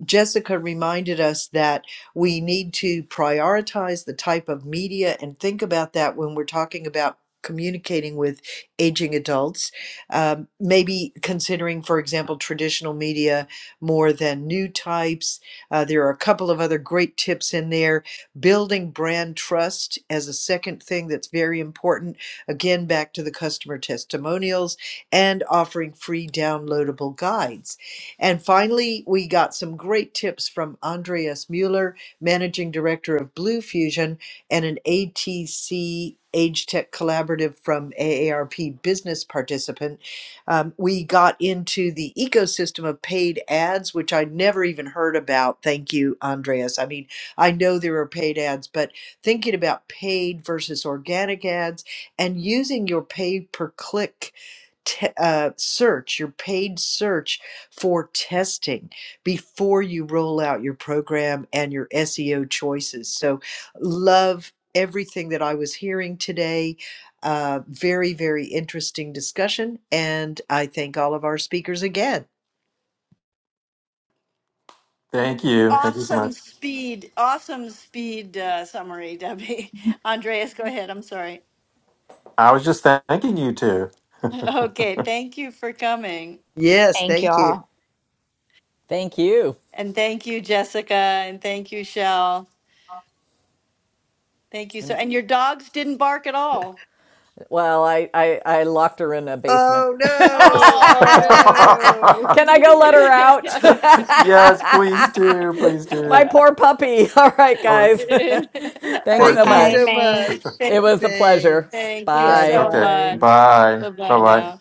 S2: Jessica reminded us that we need to prioritize the type of media and think about that when we're talking about communicating with aging adults. Um, maybe considering, for example, traditional media more than new types. Uh, there are a couple of other great tips in there. Building brand trust as a second thing that's very important. Again, back to the customer testimonials and offering free downloadable guides. And finally, we got some great tips from Andreas Mueller, Managing Director of Blue Fusion, and an ATC Age Tech Collaborative from AARP business participant. Um, we got into the ecosystem of paid ads, which I never even heard about. Thank you, Andreas. I mean, I know there are paid ads, but thinking about paid versus organic ads and using your pay per click te- uh, search, your paid search for testing before you roll out your program and your SEO choices. So, love everything that I was hearing today. Uh, very, very interesting discussion. And I thank all of our speakers again.
S4: Thank you. Thank you so much.
S1: Awesome speed, awesome speed uh, summary, Debbie.
S5: Mhm.
S1: (laughs) Andreas, go ahead. I'm sorry. (laughs)
S4: I was just thanking you two. (laughs)
S1: Okay, thank you for coming.
S2: Yes,
S5: thank you
S2: thank you.
S5: all
S3: (laughs) Thank you.
S1: And thank you, Jessica. And thank you, Shell. Thank you so.
S3: And
S1: And your dogs didn't bark at all.
S3: well, I, I, I locked her in a basement.
S2: Oh,
S3: (laughs)
S2: no.
S1: Oh.
S2: Oh,
S1: (laughs)
S3: Can I go let her
S1: okay.
S3: out?
S2: no.
S4: yes, please do. Please
S3: (laughs) My
S4: do.
S3: poor puppy. (laughs) All right,
S4: Oh, that
S3: guys. (laughs)
S2: (laughs)
S3: Thanks
S4: poor
S3: so
S2: Thank you
S5: bye
S4: thing.
S2: so
S3: much.
S2: much.
S5: thanks
S4: (laughs)
S3: It
S1: Thank,
S3: was a pleasure.
S2: Thanks.
S1: thank you
S2: Bye
S3: Bye.
S1: so
S4: Okay.
S2: bye.
S1: much.
S4: Bye.
S1: Bye
S4: Bye
S1: bye now.
S4: bye.